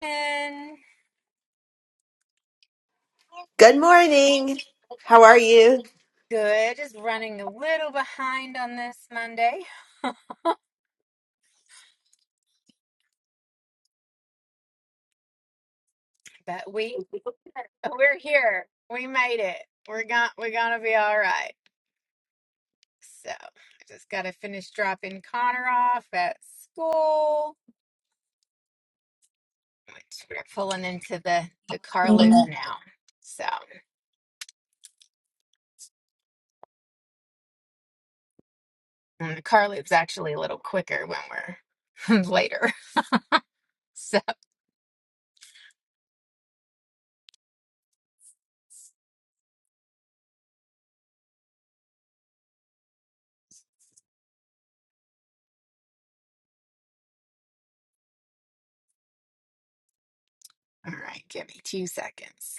And Good morning. How are you? good. Just running a little behind on this Monday, but we we're here. We made it. We're going we're gonna be all right. So I just gotta finish dropping Connor off at school, which we're pulling into the the car Amen. loop now. So and the car loop's actually a little quicker when we're later. So all right, give me two seconds.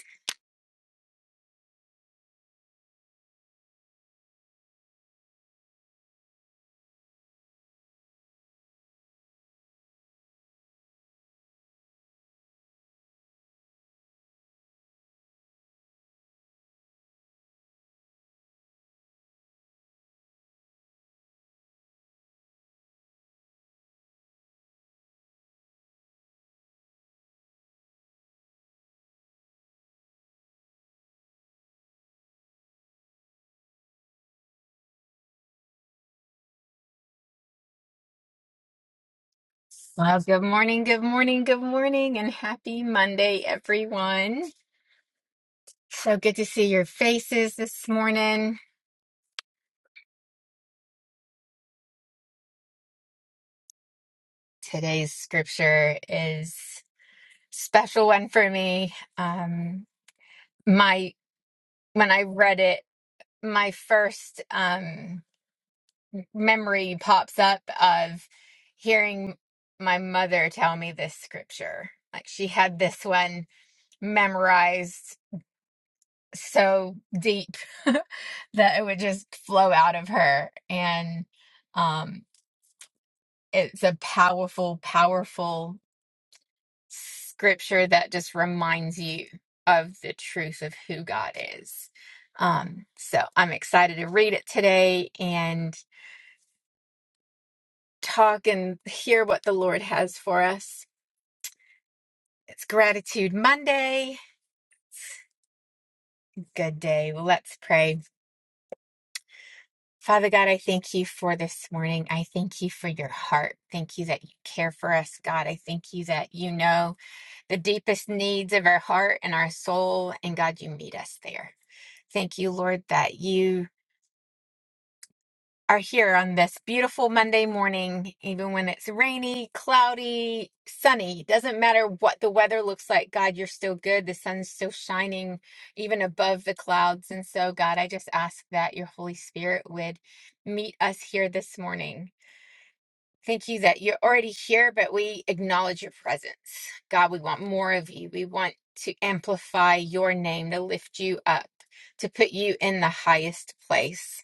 Well, good morning, good morning, good morning, and happy Monday, everyone. So good to see your faces this morning. Today's scripture is special one for me. Um, my when I read it, my first um, memory pops up of hearing my mother tell me this scripture. Like she had this one memorized so deep that it would just flow out of her. And um, it's a powerful, powerful scripture that just reminds you of the truth of who God is. Um, so I'm excited to read it today and talk and hear what the Lord has for us. It's Gratitude Monday. Good day. Let's pray. Father God, I thank you for this morning. I thank you for your heart. Thank you that you care for us, God. I thank you that you know the deepest needs of our heart and our soul, and God, you meet us there. Thank you, Lord, that you are here on this beautiful Monday morning, even when it's rainy, cloudy, sunny. Doesn't matter what the weather looks like, God, you're still good. The sun's still shining even above the clouds. And so, God, I just ask that your Holy Spirit would meet us here this morning Thank you that you're already here, but we acknowledge your presence. God, we want more of you. We want to amplify your name, to lift you up, to put you in the highest place.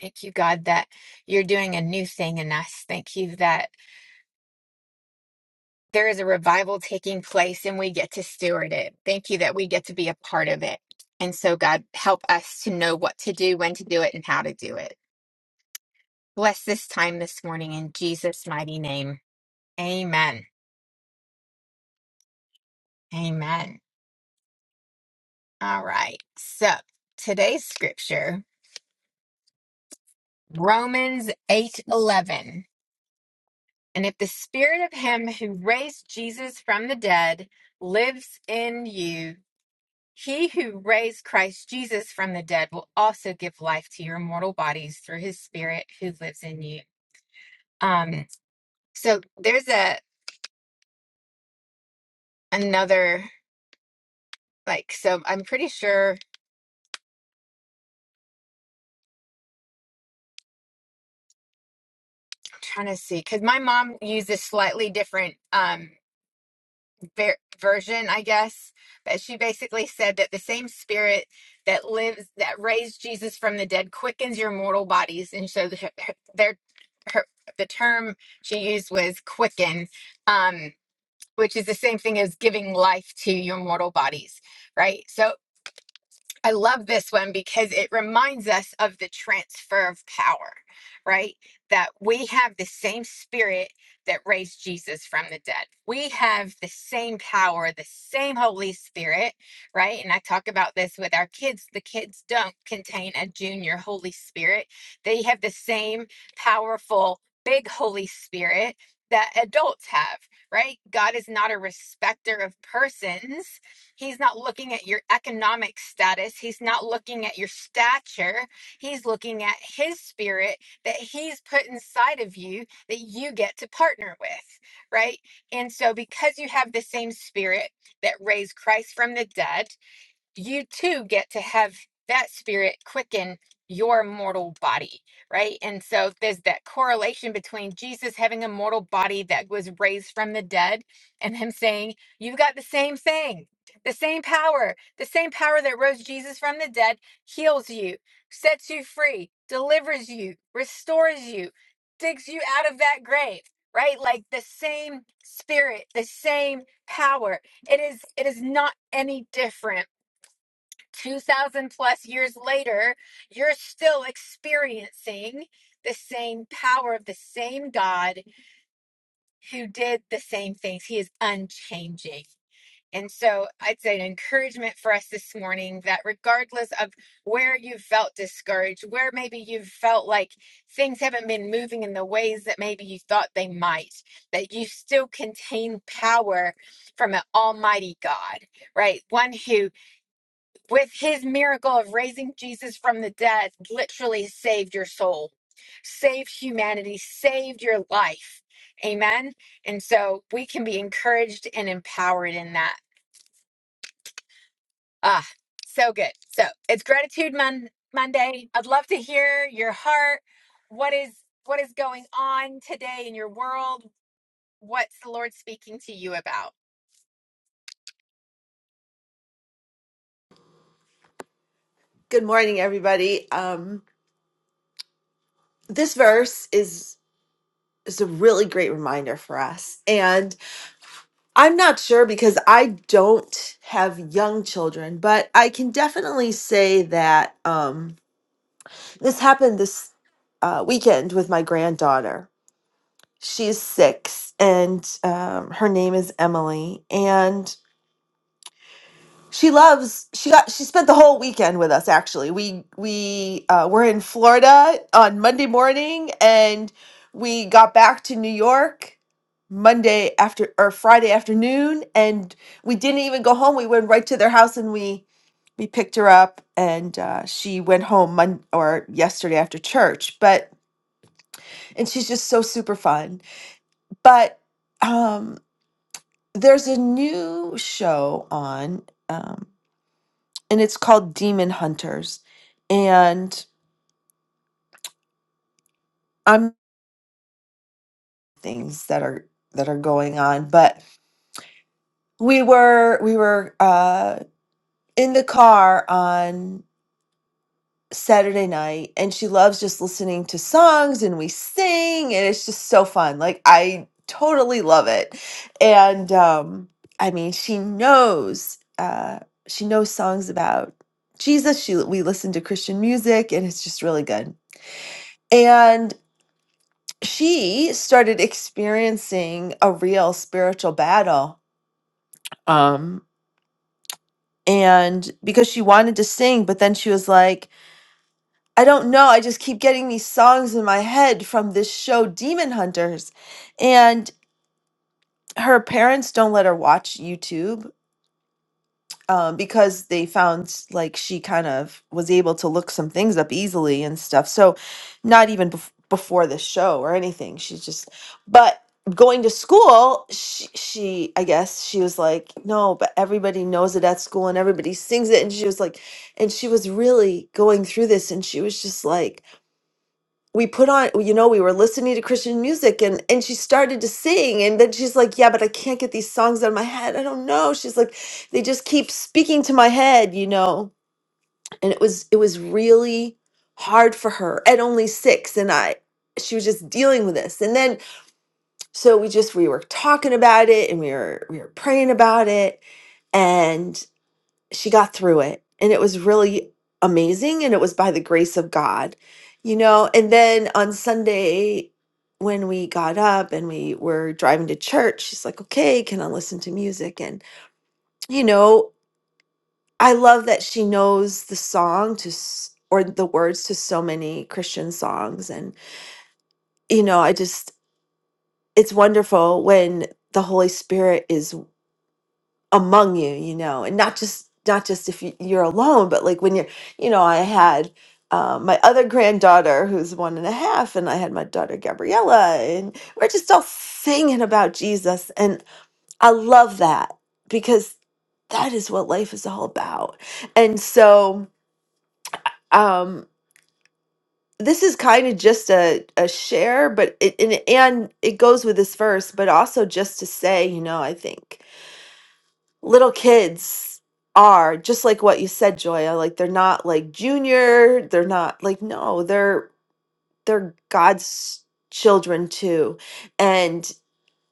Thank you, God, that you're doing a new thing in us. Thank you that there is a revival taking place and we get to steward it. Thank you that we get to be a part of it. And so, God, help us to know what to do, when to do it, and how to do it. Bless this time this morning in Jesus' mighty name. Amen. Amen. All right. So today's scripture, Romans 8 11. And if the spirit of him who raised Jesus from the dead lives in you, he who raised Christ Jesus from the dead will also give life to your mortal bodies through his spirit who lives in you. Um, so there's a another like so I'm pretty sure I'm trying to see because my mom uses slightly different Um. ver- version, I guess. But she basically said that the same spirit that lives, that raised Jesus from the dead, quickens your mortal bodies. And so the, her, their, her, the term she used was quicken, um, which is the same thing as giving life to your mortal bodies, right? So I love this one because it reminds us of the transfer of power, right? That we have the same spirit that raised Jesus from the dead. We have the same power, the same Holy Spirit, right? And I talk about this with our kids. The kids don't contain a junior Holy Spirit, they have the same powerful, big Holy Spirit that adults have, right? God is not a respecter of persons He's not looking at your economic status. He's not looking at your stature. He's looking at his spirit that he's put inside of you that you get to partner with, right? And so, because you have the same spirit that raised Christ from the dead, you too get to have that spirit quicken your mortal body, right? And so there's that correlation between Jesus having a mortal body that was raised from the dead and him saying, You've got the same thing, the same power, the same power that rose Jesus from the dead heals you, sets you free, delivers you, restores you, digs you out of that grave right like the same spirit the same power it is it is not any different 2000 plus years later, you're still experiencing the same power of the same God who did the same things. He is unchanging. And so I'd say an encouragement for us this morning that regardless of where you felt discouraged, where maybe you have felt like things haven't been moving in the ways that maybe you thought they might, that you still contain power from an almighty God, right? One who with his miracle of raising Jesus from the dead, literally saved your soul, saved humanity, saved your life. Amen. And so we can be encouraged and empowered in that. Ah, so good. So it's gratitude Mon- Monday. I'd love to hear your heart. What is what is going on today in your world? What's the Lord speaking to you about? Good morning, everybody. Um, this verse is is a really great reminder for us. And I'm not sure because I don't have young children, but I can definitely say that um, this happened this uh, weekend with my granddaughter. She's six, and um, her name is Emily. And She loves she got she spent the whole weekend with us actually. We we uh, were in Florida on Monday morning and we got back to New York Monday after or Friday afternoon and we didn't even go home. We went right to their house and we we picked her up and uh, she went home mon- or yesterday after church. But and she's just so super fun. But um there's a new show on. Um, and it's called Demon Hunters. And I'm things that are that are going on, but we were we were uh in the car on Saturday night and she loves just listening to songs and we sing and it's just so fun. Like I totally love it. And um I mean, she knows uh she knows songs about Jesus. She we listen to Christian music and it's just really good. and. she started experiencing a real spiritual battle. Um, and because she wanted to sing, but then she was like, I don't know. I just keep getting these songs in my head from this show, Demon Hunters. And her parents don't let her watch YouTube um, because they found like she kind of was able to look some things up easily and stuff. So, not even bef- before the show or anything. She's just, but going to school, she, she, I guess she was like, no, but everybody knows it at school and everybody sings it. And she was like, and she was really going through this and she was just like, we put on you know we were listening to christian music and and she started to sing and then she's like yeah but i can't get these songs out of my head i don't know she's like they just keep speaking to my head you know and it was it was really hard for her at only six and i she was just dealing with this and then so we just we were talking about it and we were we were praying about it she got through it and it was really amazing and it was by the grace of god you know and then on sunday when we got up and we were driving to church she's like okay can i listen to music and you know i love that she knows the song to s- or the words to so many christian songs and you know i just it's wonderful when the holy spirit is. among you you know and not just not just if you, you're alone but like when you're you know i had uh, my other granddaughter who's one and a half and i had my daughter gabriella and we're just all singing about jesus and i love that because that is what life is all about and so um this is kind of just a, a share but it and, and it goes with this verse but also just to say you know i think little kids are just like what you said joya like they're not like junior they're not like no they're they're god's children too and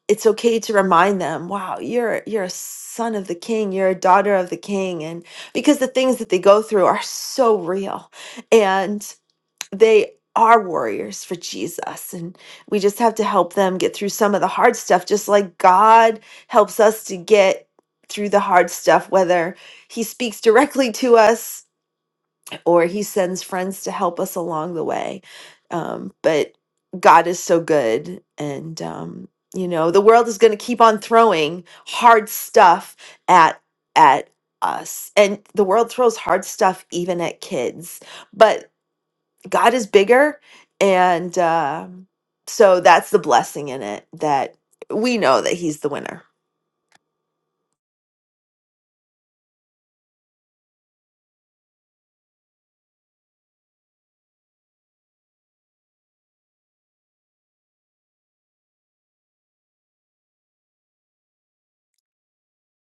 it's okay to remind them wow you're you're a son of the king you're a daughter of the king and because the things that they go through are so real they are warriors for Jesus and we just have to help them get through some of the hard stuff just like God helps us to get through the hard stuff whether he speaks directly to us or he sends friends to help us along the way um, but God is so good and um, you know the world is going to keep on throwing hard stuff at at us and the world throws hard stuff even at kids but God is bigger. And um so that's the blessing in it that we know that He's the winner.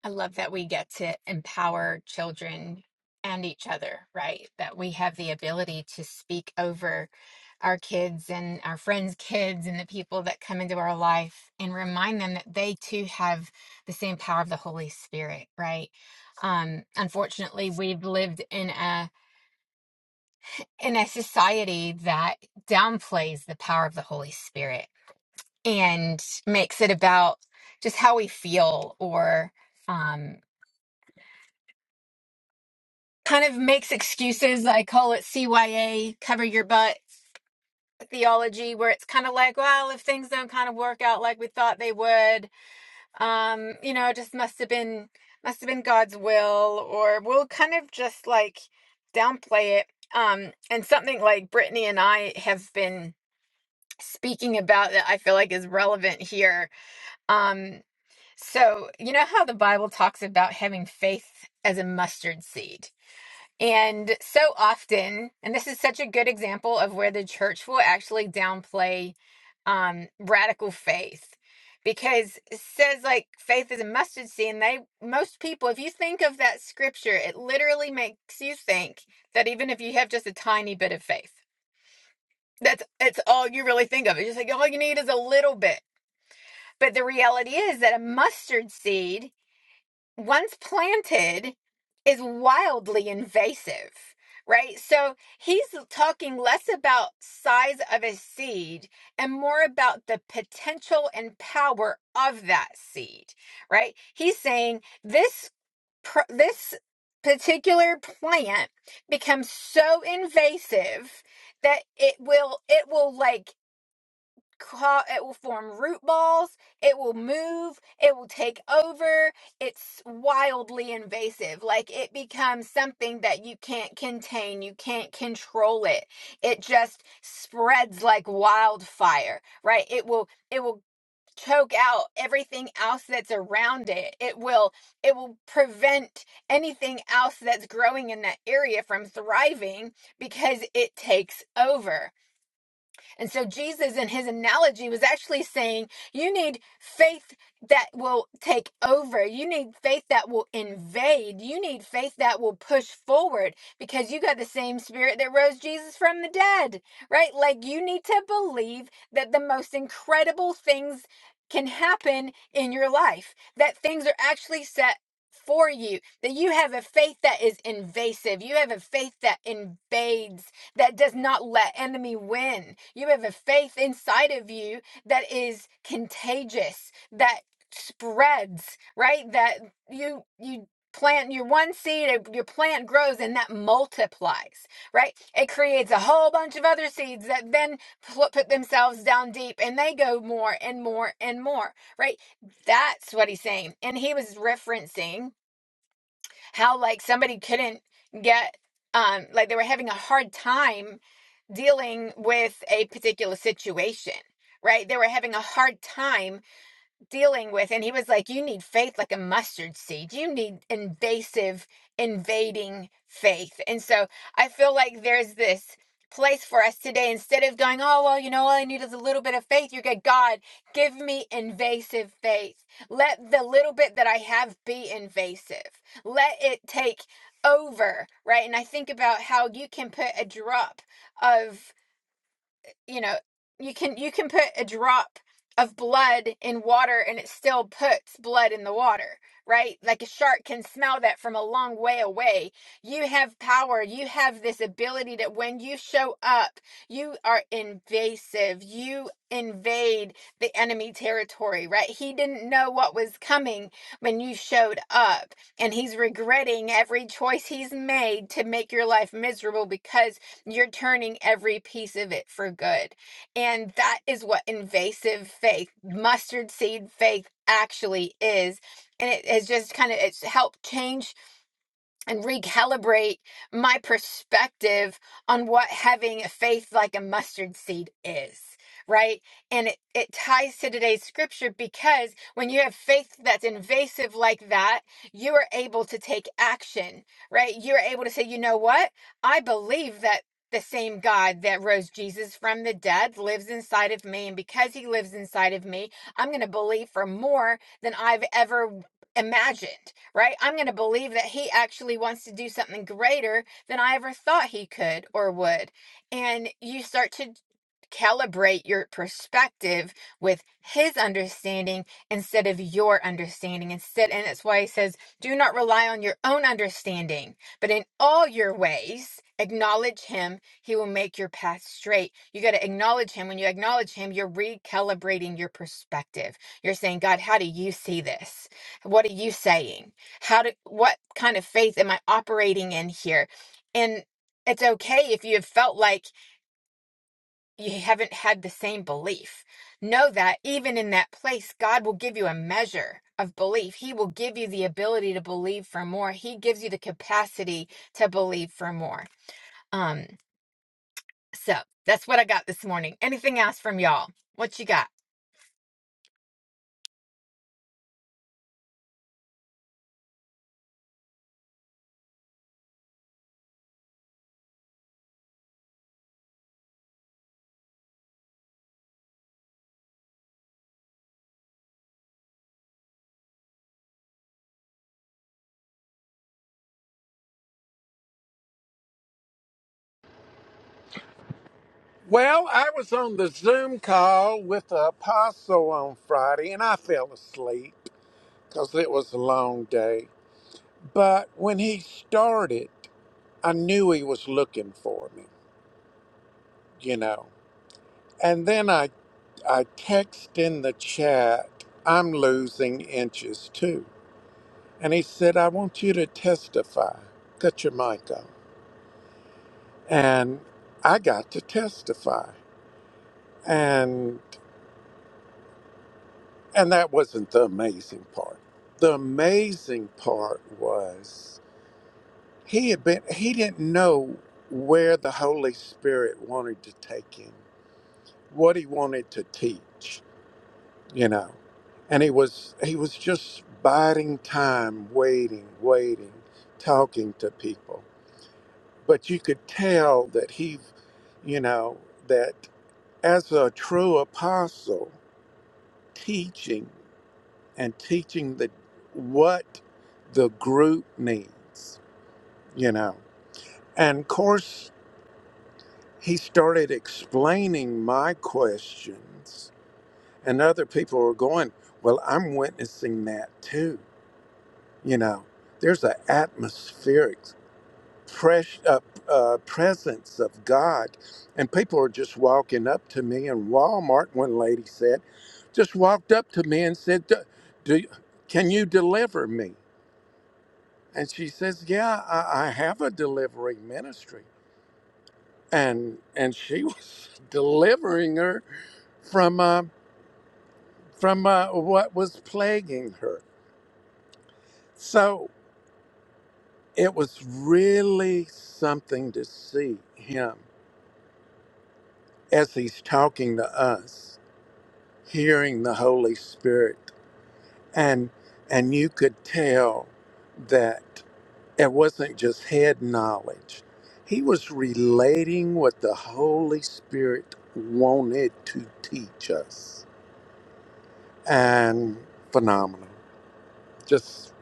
I love that we get to empower children and each other, right? That we have the ability to speak over our kids and our friends' kids and the people that come into our life and remind them that they too have the same power of the Holy Spirit, right? Um, unfortunately, we've lived in a in a society that downplays the power of the Holy Spirit and makes it about just how we feel or um, kind of makes excuses. I call it CYA, cover your butt theology, where it's kind of like, well, if things don't kind of work out like we thought they would, um, you know, it just must have been must have been God's will, or we'll kind of just like downplay it. Um, and something like Brittany and I have been speaking about that I feel like is relevant here. Um, so you know how the Bible talks about having faith as a mustard seed and so often, and this is such a good example of where the church will actually downplay um, radical faith because it says like faith is a mustard seed. And they, most people, if you think of that scripture, it literally makes you think that even if you have just a tiny bit of faith, that's it's all you really think of. It's just like all you need is a little bit. But the reality is that a mustard seed once planted is wildly invasive right so he's talking less about size of a seed and more about the potential and power of that seed right he's saying this this particular plant becomes so invasive that it will it will like it will form root balls it will move it will take over it's wildly invasive like it becomes something that you can't contain you can't control it it just spreads like wildfire right it will it will choke out everything else that's around it it will it will prevent anything else that's growing in that area from thriving because it takes over and so Jesus in his analogy was actually saying you need faith that will take over. You need faith that will invade. You need faith that will push forward because you got the same spirit that rose Jesus from the dead, right? Like you need to believe that the most incredible things can happen in your life, that things are actually set for you, that you have a faith that is invasive. You have a faith that invades that does not let enemy win. You have a faith inside of you that is contagious, that spreads, right? That you you plant your one seed, uh, your plant grows and that multiplies, right? It creates a whole bunch of other seeds that then put themselves down deep and they go more and more and more, right? That's what he's saying. And he was referencing how like somebody couldn't get um like they were having a hard time dealing with a particular situation right they were having a hard time dealing with and he was like you need faith like a mustard seed you need invasive invading faith and so i feel like there's this place for us today instead of going oh well you know all i need is a little bit of faith you're good god give me invasive faith let the little bit that i have be invasive let it take over right and i think about how you can put a drop of you know you can you can put a drop of blood in water and it still puts blood in the water right like a shark can smell that from a long way away you have power you have this ability that when you show up you are invasive you invade the enemy territory right he didn't know what was coming when you showed up and he's regretting every choice he's made to make your life miserable because you're turning every piece of it for good. And that is what invasive faith, mustard seed faith actually is. And it has just kind of it's helped change and recalibrate my perspective on what having a faith like a mustard seed is right and it, it ties to today's scripture because when you have faith that's invasive like that you are able to take action right you're able to say you know what i believe that the same God that rose Jesus from the dead lives inside of me. And because he lives inside of me, I'm going to believe for more than I've ever imagined, right? I'm going to believe that he actually wants to do something greater than I ever thought he could or would. And you start to calibrate your perspective with his understanding instead of your understanding instead and that's why he says do not rely on your own understanding but in all your ways acknowledge him he will make your path straight you got to acknowledge him when you acknowledge him you're recalibrating your perspective you're saying god how do you see this what are you saying how do what kind of faith am i operating in here and it's okay if you have felt like you haven't had the same belief know that even in that place god will give you a measure of belief he will give you the ability to believe for more he gives you the capacity to believe for more um so that's what i got this morning anything else from y'all what you got Well, I was on the Zoom call with the apostle on Friday and I fell asleep because it was a long day. But when he started, I knew he was looking for me, you know. And then I, I text in the chat, I'm losing inches too. And he said, I want you to testify. Cut your mic off. And I got to testify. And And that wasn't the amazing part. The amazing part was he had been he didn't know where the Holy Spirit wanted to take him, what he wanted to teach, you know. And he was he was just biding time, waiting, waiting, talking to people. But you could tell that he you know, that as a true apostle teaching. and teaching the what the group needs, you know. And of course, he started explaining my questions, and other people were going, "Well, I'm witnessing that too." You know, there's an atmospheric fresh uh, uh, presence of God, and people are just walking up to me. And Walmart, one lady said, just walked up to me and said, "Do, do- can you deliver me?" And she says, "Yeah, I, I have a delivery ministry." And and she was delivering her from uh, from uh, what was plaguing her. So it was really something to see him as he's talking to us, hearing the Holy Spirit, and and you could tell that. It wasn't just head knowledge, he was relating what the Holy Spirit wanted to teach us. And phenomenal. Just,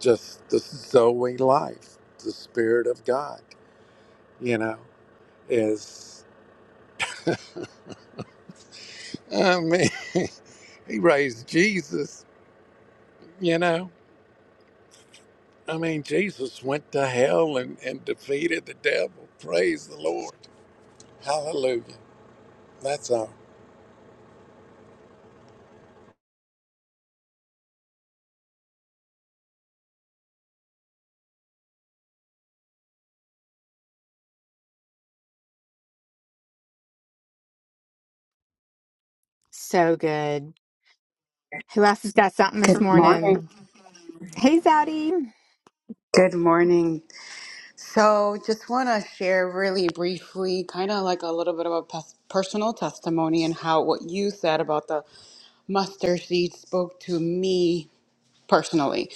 just the Zoe life, the Spirit of God, you know, is, I mean, he raised Jesus, you know. I mean, Jesus went to hell and, and defeated the devil. Praise the Lord. Hallelujah. That's all. so good who else has got something this Good morning. morning Hey, Zaddy. Good morning. So, just want to share really briefly, kind of like a little bit of a pers- personal testimony and how what you said about the mustard seed spoke to me personally.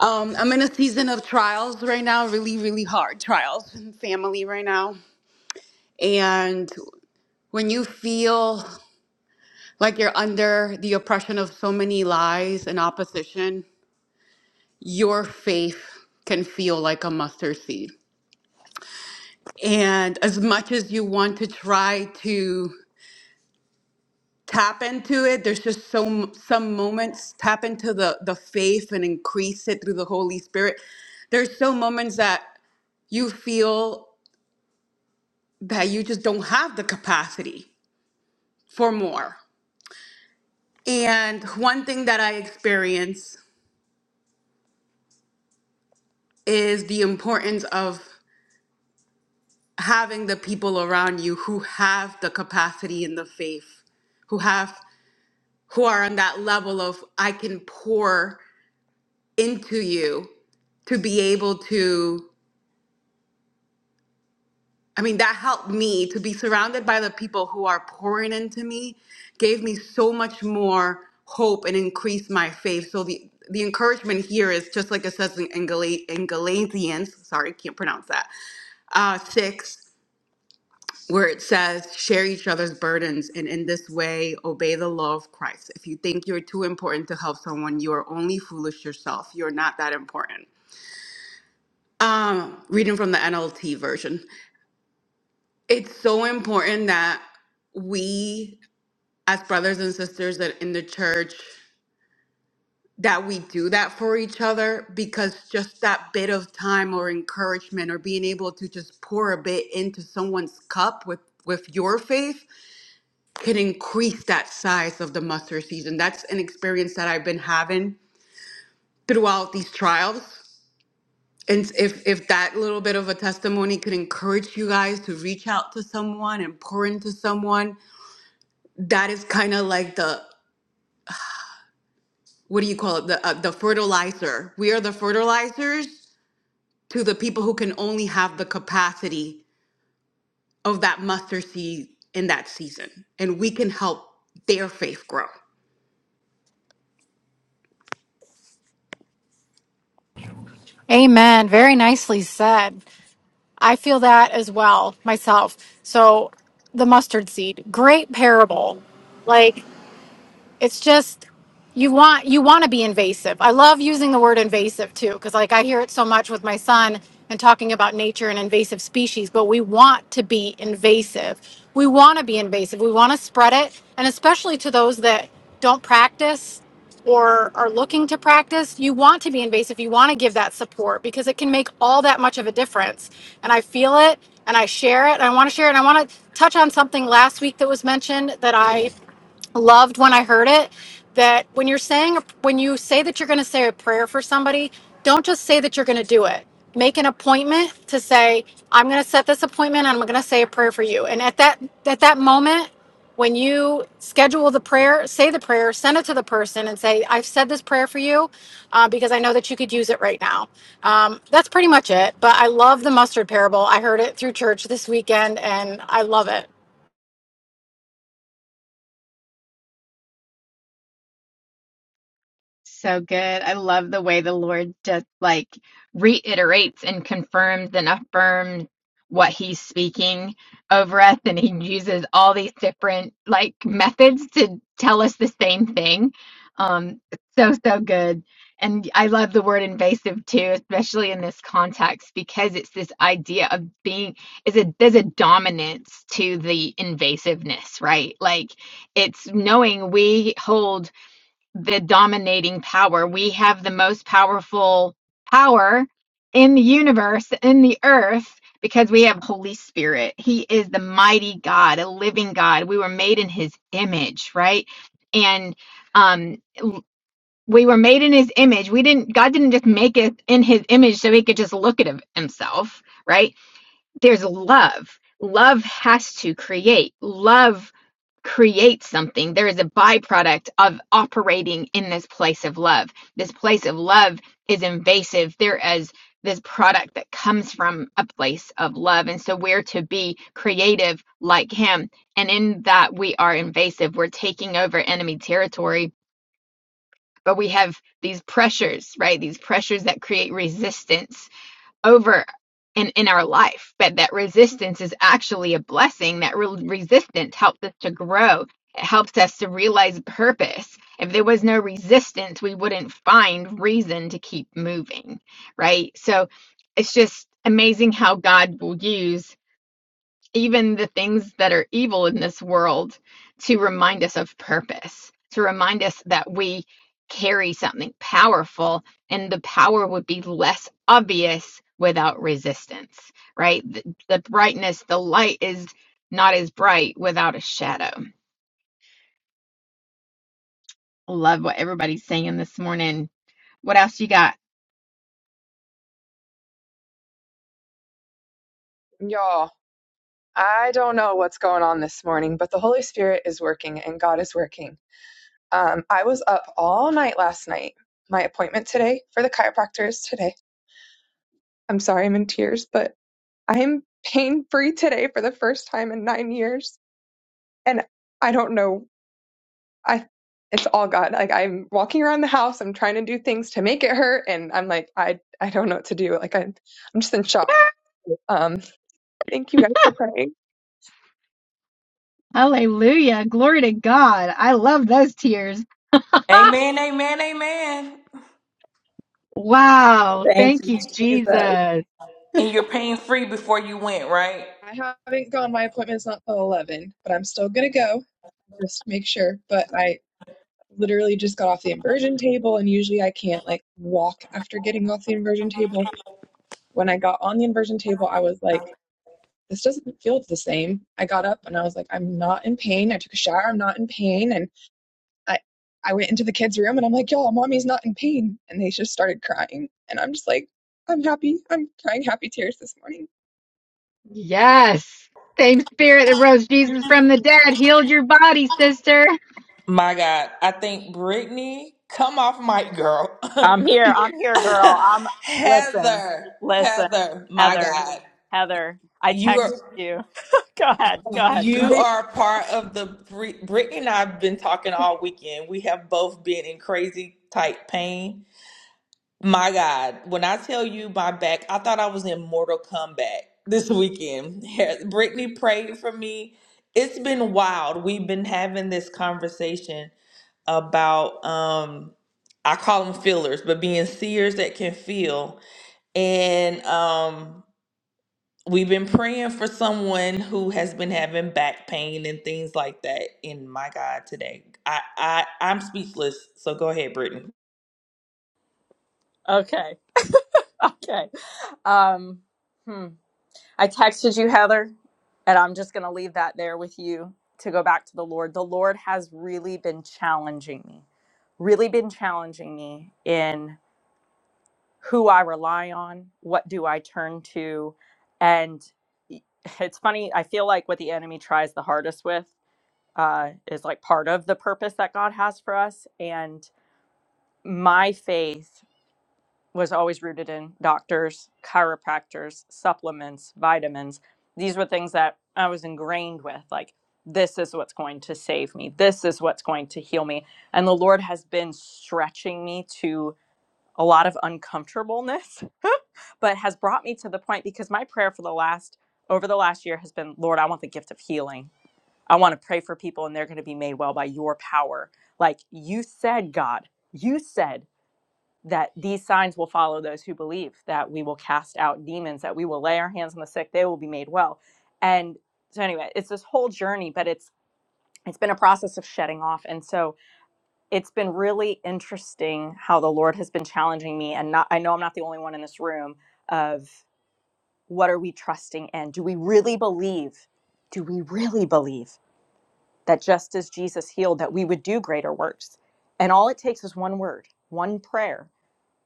Um, I'm in a season of trials right now, really, really hard trials in family right now. And when you feel like you're under the oppression of so many lies and opposition, your faith can feel like a mustard seed. and as much as you want to try to tap into it there's just so m- some moments tap into the the faith and increase it through the holy spirit there's so moments that you feel that you just don't have the capacity for more and one thing that i experience is the importance of having the people around you who have the capacity and the faith who have who are on that level of I can pour into you to be able to i mean that helped me to be surrounded by the people who are pouring into me gave me so much more hope and increased my faith so the the encouragement here is just like it says in, in, Gala- in galatians sorry can't pronounce that uh, 6 where it says share each other's burdens and in this way obey the law of christ if you think you're too important to help someone you are only foolish yourself you're not that important Um, reading from the NLT version, it's so important that we, as brothers and sisters that in the church, that we do that for each other because just that bit of time or encouragement or being able to just pour a bit into someone's cup with with your faith can increase that size of the mustard season. That's an experience that I've been having throughout these trials And if if that little bit of a testimony could encourage you guys to reach out to someone and pour into someone, that is kind of like the what do you call it? The uh, the fertilizer. We are the fertilizers to the people who can only have the capacity of that mustard seed in that season, and we can help their faith grow. Amen. Very nicely said. I feel that as well myself. So, the mustard seed, great parable. Like, it's just you want you want to be invasive i love using the word invasive too because like i hear it so much with my son and talking about nature and invasive species but we want to be invasive we want to be invasive we want to spread it and especially to those that don't practice or are looking to practice you want to be invasive you want to give that support because it can make all that much of a difference and i feel it and i share it and i want to share it and i want to touch on something last week that was mentioned that i loved when I heard it that when you're saying when you say that you're going to say a prayer for somebody, don't just say that you're going to do it. Make an appointment to say I'm going to set this appointment and I'm going to say a prayer for you. And at that at that moment when you schedule the prayer, say the prayer, send it to the person and say, I've said this prayer for you uh, because I know that you could use it right now. Um, that's pretty much it. But I love the mustard parable. I heard it through church this weekend and I love it. So good. I love the way the Lord just like reiterates and confirms and affirms what he's speaking over us. And he uses all these different like methods to tell us the same thing. Um, so, so good. And I love the word invasive too, especially in this context, because it's this idea of being is a there's a dominance to the invasiveness, right? Like it's knowing we hold the dominating power. We have the most powerful power in the universe, in the earth, because we have Holy Spirit. He is the mighty God, a living God. We were made in his image, right? And um we were made in his image. We didn't God didn't just make us in his image so he could just look at himself, right? there's love. Love has to create. Love creates something. There is a byproduct of operating in this place of love. This place of love is invasive. There is this product that comes from a place of love. And so we're to be creative like him. And in that, we are invasive. We're taking over enemy territory. But we have these pressures, right? These pressures that create resistance over in, in our life, but that resistance is actually a blessing. That re- resistance helps us to grow. It helps us to realize purpose. If there was no resistance, we wouldn't find reason to keep moving, right? So it's just amazing how God will use even the things that are evil in this world to remind us of purpose, to remind us that we carry something powerful and the power would be less obvious without resistance, right? The, the brightness, the light is not as bright without a shadow. Love what everybody's saying this morning. What else you got? Y'all, I don't know what's going on this morning, but the Holy Spirit is working and God is working. Um, I was up all night last night. My appointment today for the chiropractor is today. I'm sorry I'm in tears, but I'm pain free today for the first time in nine years. And I don't know. I it's all God. Like I'm walking around the house, I'm trying to do things to make it hurt, and I'm like, I I don't know what to do. Like I I'm just in shock. Um, thank you guys for praying. Hallelujah. Glory to God. I love those tears. Amen, amen, amen. wow. Thank Thank you, you, Jesus. Jesus. And you're pain free before you went, right? I haven't gone. My appointment's not till 11, but I'm still gonna go just to make sure. But I literally just got off the inversion table, and usually I can't like walk after getting off the inversion table. When I got on the inversion table, I was like, this doesn't feel the same. I got up and I was like, I'm not in pain. I took a shower. I'm not in pain. And I, I went into the kids' room and I'm like, y'all, mommy's not in pain. And they just started crying. And I'm just like, I'm happy. I'm crying happy tears this morning. Yes. Same spirit that rose Jesus from the dead healed your body, sister. My God, I think Brittany, come off mic, girl. I'm here. I'm here, girl. I'm listen, Heather, listen, Heather, my Heather, God, Heather. I you texted are This, you. go ahead, go ahead, Carl. you Th- are part of the Brit- Brittany and I've been talking all weekend. We have both been in crazy type pain My God, when I tell you my back, I thought I was in Mortal Kombat this weekend. Brittany prayed for me. It's been wild. We've been having this conversation about um I call them feelers, but being seers that can feel. And um we've been praying for someone who has been having back pain and things like that. And my God, today. I I I'm speechless. So go ahead, Brittany. Okay, okay. Um, hmm. I texted you, Heather, and I'm just gonna leave that there with you to go back to the Lord. The Lord has really been challenging me. Really been challenging me who I rely on, what do I turn to, and it's funny. I feel like what the enemy tries the hardest with uh, is like part of the purpose that God has for us. And my faith was always rooted in doctors, chiropractors, supplements, vitamins. These were things that I was ingrained with. Like this is what's going to save me. This is what's going to heal me. And the Lord has been stretching me to a lot of uncomfortableness but has brought me to the point because my prayer for the last over the last year has been lord i want the gift of healing i want to pray for people and they're going to be made well by your power like you said god you said that these signs will follow those who believe that we will cast out demons that we will lay our hands on the sick they will be made well and so anyway it's this whole journey but it's it's been a process of shedding off and so it's been really interesting how the lord has been challenging me and not i know i'm not the only one in this room of what are we trusting in? Do we really believe? Do we really believe that just as Jesus healed, that we would do greater works? And all it takes is one word, one prayer.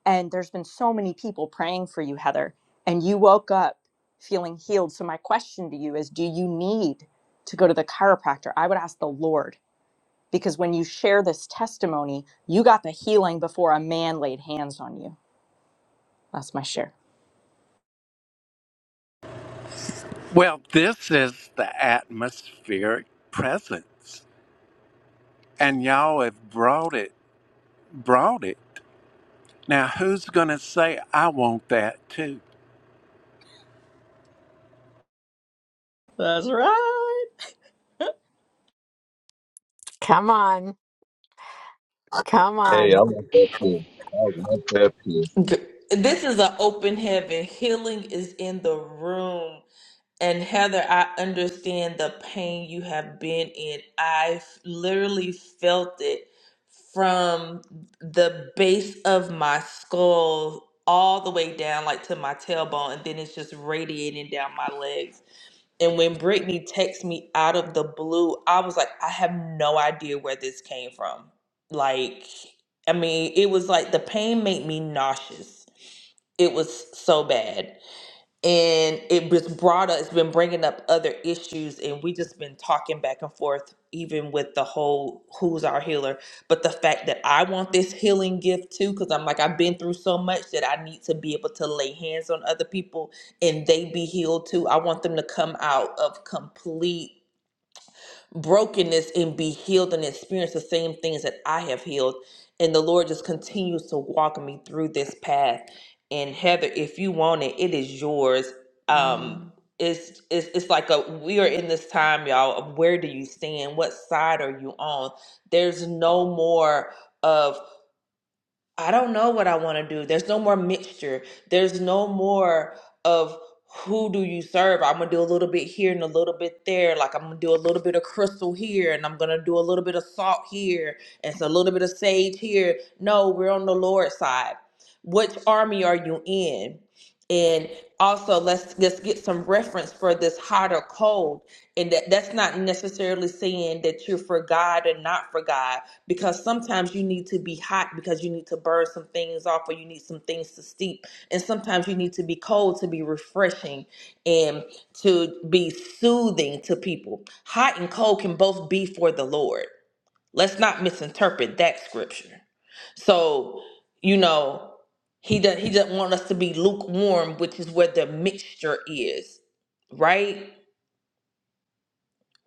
And there's been so many people praying for you, Heather, and you woke up feeling healed. So, my question to you is do you need to go to the chiropractor? I would ask the Lord, because when you share this testimony, you got the healing before a man laid hands on you. That's my share. Well, this is the atmospheric presence, and y'all have brought it, brought it. Now, who's going to say, I want that too? That's right. Come on. Come Hey, I on. want that too. I want that too. G- This is an open heaven. Healing is in the room. And Heather, I understand the pain you have been in. I f- literally felt it from the base of my skull all the way down, like to my tailbone, and then it's just radiating down my legs. And when Brittany texted me out of the blue, I was like, I have no idea where this came from. Like, I mean, it was like the pain made me nauseous. It was so bad and it was brought up it's been bringing up other issues and we just been talking back and forth even with the whole who's our healer but the fact that i want this healing gift too because i'm like i've been through so much that i need to be able to lay hands on other people and they be healed too i want them to come out of complete brokenness and be healed and experience the same things that I have healed. And the Lord just continues to walk me through this path. And Heather, if you want it, it is yours. Um, Mm, it's, it's it's like a we are in this time, y'all. of Where do you stand? What side are you on? There's no more of I don't know what I want to do. There's no more mixture. There's no more of who do you serve. I'm gonna do a little bit here and a little bit there. Like I'm gonna do a little bit of crystal here and I'm gonna do a little bit of salt here and it's a little bit of sage here. No, we're on the Lord's side. Which army are you in? And also let's let's get some reference for this hot or cold. And that, that's not necessarily saying that you're for God and not for God because sometimes you need to be hot because you need to burn some things off or you need some things to steep and sometimes you need to be cold to be refreshing and to be soothing to people hot and cold can both be for the lord let's not misinterpret that scripture so you know he does not he doesn't want us to be lukewarm which is where the mixture is right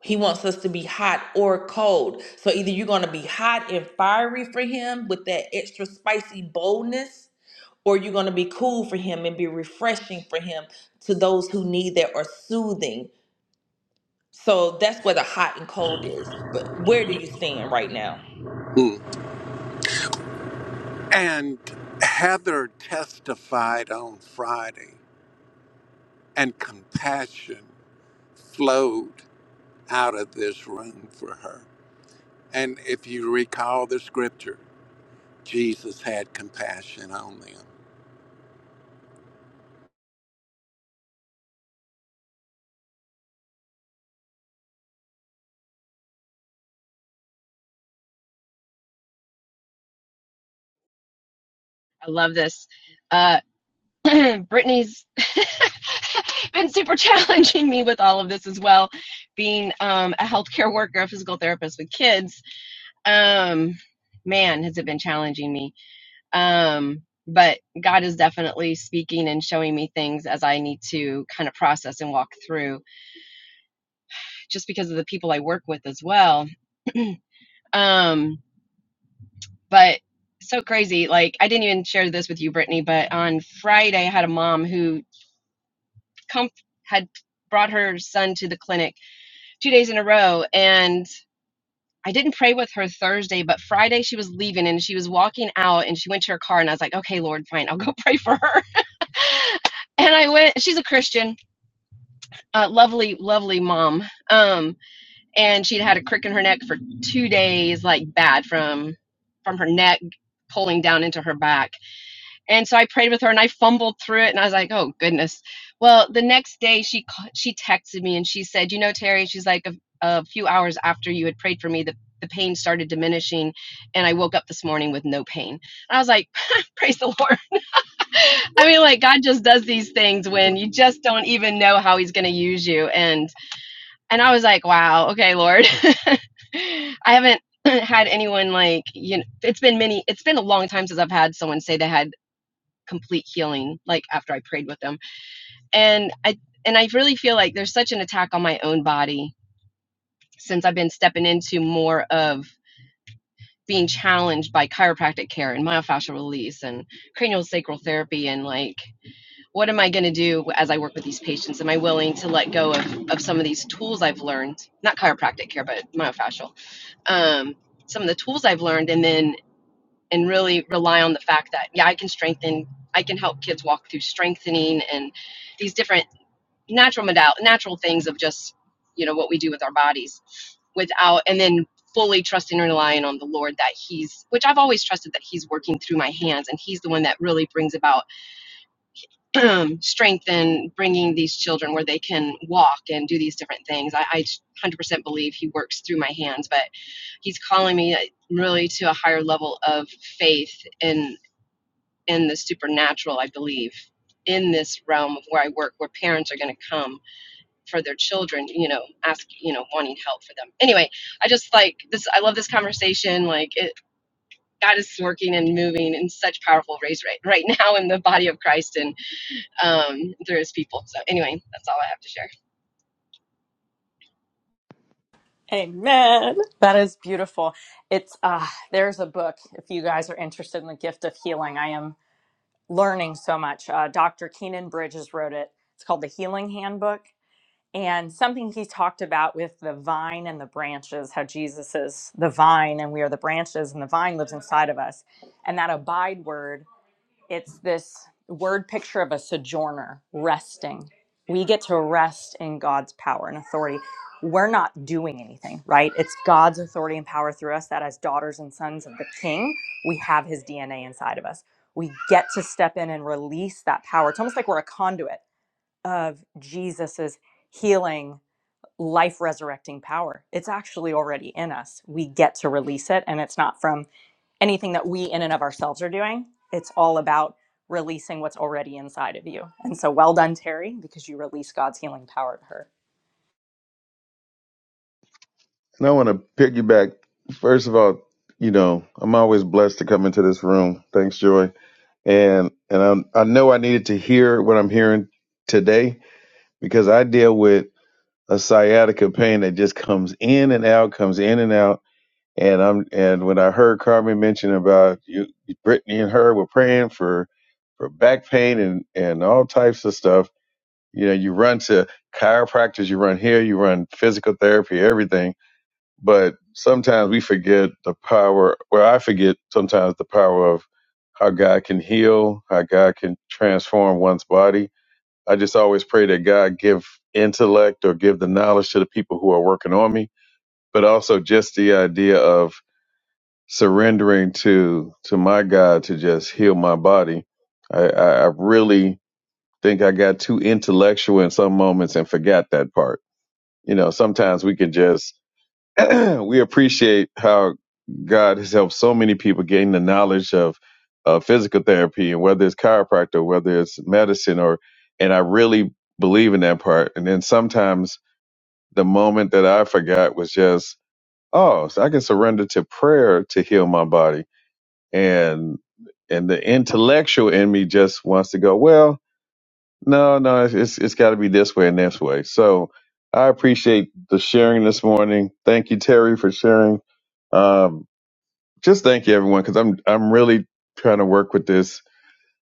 he wants us to be hot or cold. So either you're going to be hot and fiery for him with that extra spicy boldness, or you're going to be cool for him and be refreshing for him to those who need that or soothing. So that's where the hot and cold is. But where do you stand right now? Mm. And Heather testified on Friday, and compassion flowed out of this room for her. And if you recall the scripture, Jesus had compassion on them. I love this. Uh, Brittany's been super challenging me with all of this as well, being um, a healthcare worker, a physical therapist with kids. Um, man, has it been challenging me. Um, but God is definitely speaking and showing me things as I need to kind of process and walk through, just because of the people I work with as well. Um, but so crazy. Like I didn't even share this with you, Brittany, but on Friday I had a mom who comf- had brought her son to the clinic two days in a row and i didn't pray with her thursday but friday she was leaving and she was walking out and she went to her car and i was like okay lord fine i'll go pray for her and i went she's a christian uh, lovely lovely mom um, and she'd had a crick in her neck for two days like bad from from her neck pulling down into her back And so I prayed with her and I fumbled through it and I was like, "Oh goodness." Well, the next day she she texted me and she said, "You know, Terry, she's like a, a few hours after you had prayed for me, the the pain started diminishing and I woke up this morning with no pain." And I was like, "Praise the Lord." I mean, like God just does these things when you just don't even know how he's going to use you and and I was like, "Wow, okay, Lord." I haven't had anyone like you know it's been many it's been a long time since I've had someone say they had complete healing like after I prayed with them. And I and I really feel like there's such an attack on my own body since I've been stepping into more of being challenged by chiropractic care and myofascial release and cranial sacral therapy and like what am I going to do as I work with these patients? Am I willing to let go of, of some of these tools I've learned? Not chiropractic care, but myofascial. Um, some of the tools I've learned, and then and really rely on the fact that yeah i can strengthen i can help kids walk through strengthening and these different natural modal natural things of just you know what we do with our bodies without and then fully trusting and relying on the lord that he's which i've always trusted that he's working through my hands and he's the one that really brings about strength and bringing these children where they can walk and do these different things I, I 100% believe he works through my hands but he's calling me uh, really to a higher level of faith and and the supernatural, I believe, in this realm of where I work, where parents are going to come for their children, you know, ask, you know, wanting help for them. Anyway, I just like this. I love this conversation. Like it, God is working and moving in such powerful ways right, right now in the body of Christ and um, through his people. So anyway, that's all I have Amen. That is beautiful. It's uh there's a book if you guys are interested in the gift of healing. I am learning so much. Uh, Dr. Keenan Bridges wrote it. It's called The Healing Handbook. And something he talked about with the vine and the branches, how Jesus is the vine and we are the branches, and the vine lives inside of us. And that abide word it's this word picture of a sojourner resting. We get to rest in God's power and authority. We're not doing anything, right? It's God's authority and power through us that, as daughters and sons of the King, we have his DNA inside of us. We get to step in and release that power. It's almost like we're a conduit of Jesus's healing, life resurrecting power. It's actually already in us. We get to release it, and it's not from anything that we in and of ourselves are doing. It's all about releasing what's already inside of you. And so well done, Terry, because you release God's healing power to her. And I want to piggyback. First of all, you know, I'm always blessed to come into this room. Thanks, Joy. And and I, I know I needed to hear what I'm hearing today because I deal with a sciatica pain that just comes in and out, comes in and out. And I'm and when I heard Carmen mention about you, Brittany and her were praying for for back pain and and all types of stuff, You know, you run to chiropractors, you run here, you run physical therapy, everything. But sometimes we forget the power, well, I forget sometimes the power of how God can heal, how God can transform one's body. I just always pray that God give intellect or give the knowledge to the people who are working on me, but also just the idea of surrendering to to my God to just heal my body. I, I, I really think I got too intellectual in some moments and forgot that part you know, sometimes we can just we appreciate how God has helped so many people gain the knowledge of uh, physical therapy and whether it's chiropractor, whether it's medicine, or and I really believe in that part. And then sometimes the moment that I forgot was just oh, so I can surrender to prayer to heal my body, and and the intellectual in me just wants to go well. No, no, it's it's, it's got to be this way and this way. So I appreciate the sharing this morning. Thank you, Terry, for sharing. Um, just thank you, everyone, because I'm I'm really trying to work with this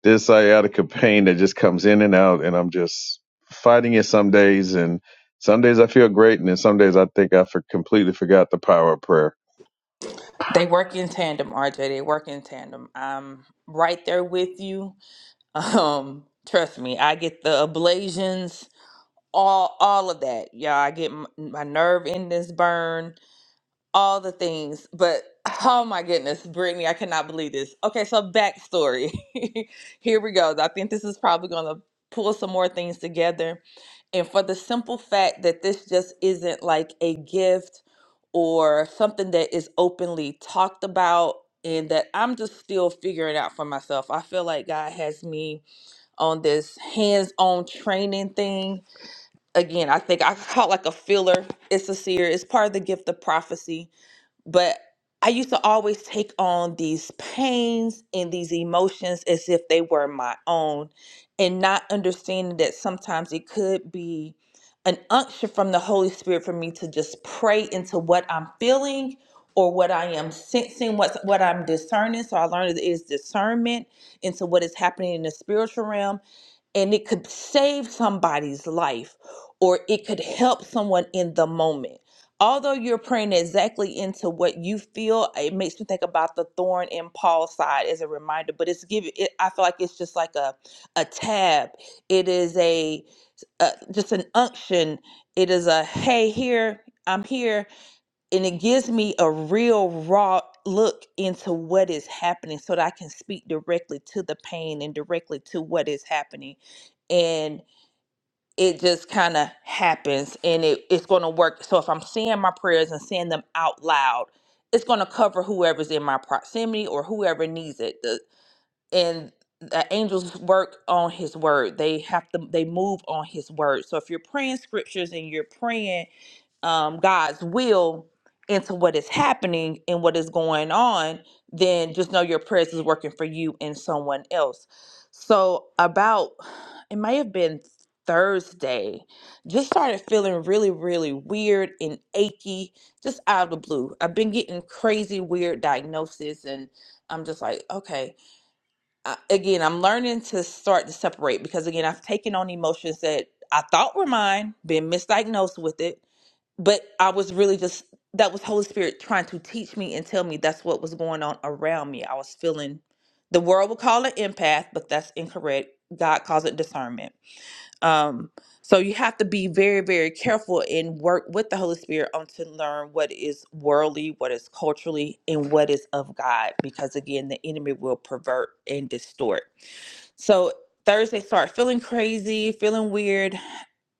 this sciatica pain that just comes in and out, and I'm just fighting it some days, and some days I feel great, and then some days I think I for, completely forgot the power of prayer. They work in tandem, RJ. They work in tandem. I'm right there with you. Um, trust me, I get the ablations, all all of that. y'all. I get m- my nerve endings burn. all the things. But oh my goodness, Brittany, I cannot believe this. Okay, so backstory. Here we go. I think this is probably going to pull some more things together. And for the simple fact that this just isn't like a gift or something that is openly talked about. And that I'm just still figuring out for myself. I feel like God has me on this hands on training thing. Again, I think I call it like a filler. It's a seer, it's part of the gift of prophecy but I used to always take on these pains and these emotions as if they were my own, and not understanding that sometimes it could be an unction from the Holy Spirit for me to just pray into what I'm feeling or what I am sensing, what's what I'm discerning. So I learned it is discernment into what is happening in the spiritual realm and it could save somebody's life or it could help someone in the moment although you're praying exactly into what you feel, it makes me think about the thorn in Paul's side as a reminder. But it's giving. It, I feel like it's just like a a tab. It is a, a just an unction. It is a hey here I'm here, and it gives me a real raw look into what is happening so that I can speak directly to the pain and directly to what is happening. And it just kind of happens and it, it's going to work. So if I'm saying my prayers and saying them out loud, it's going to cover whoever's in my proximity or whoever needs it. The, and the angels work on his word. They have to, they move on his word. So if you're praying scriptures and you're praying um, God's will into what is happening and what is going on, then just know your prayers is working for you and someone else. So, about it may have been Thursday, just started feeling really, really weird and achy, just out of the blue. I've been getting crazy, weird diagnosis, and I'm just like, okay. I, again, I'm learning to start to separate because, again, I've taken on emotions that I thought were mine, been misdiagnosed with it but I was really just that was Holy Spirit trying to teach me and tell me that's what was going on around me. I was feeling the world would call it empath, but that's incorrect. God calls it discernment. Um, so you have to be very, very careful and work with the Holy Spirit on to learn what is worldly, what is culturally, and what is of God. Because again, the enemy will pervert and distort. So Thursday start feeling crazy, feeling weird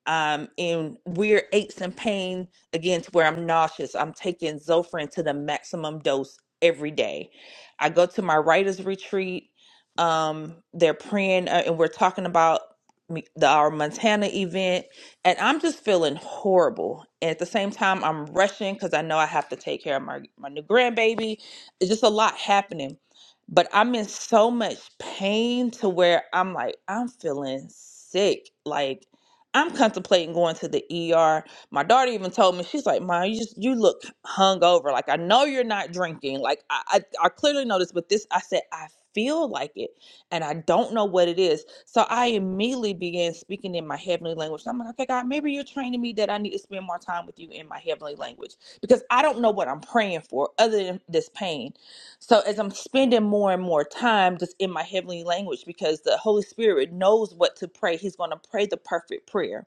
um, and weird aches and pain again to where I'm nauseous. I'm taking Zofran to the maximum dose every day. I go to my writers retreat. Um, they're praying, uh, and we're talking about me- the our Montana event, and I'm just feeling horrible. And at the same time, I'm rushing because I know I have to take care of my my new grandbaby. It's just a lot happening. But I'm in so much pain to where I'm like, I'm feeling sick. Like I'm contemplating going to the ER. My daughter even told me she's like, "Mom, you just you look hungover. Like I know you're not drinking. Like I I, I clearly know this, but this I said I feel like it, and I don't know what it is. So I immediately began speaking in my heavenly language. I'm like, okay, God, maybe you're training me that I need to spend more time with you in my heavenly language because I don't know what I'm praying for other than this pain. So as I'm spending more and more time just in my heavenly language, because the Holy Spirit knows what to pray, He's going to pray the perfect prayer.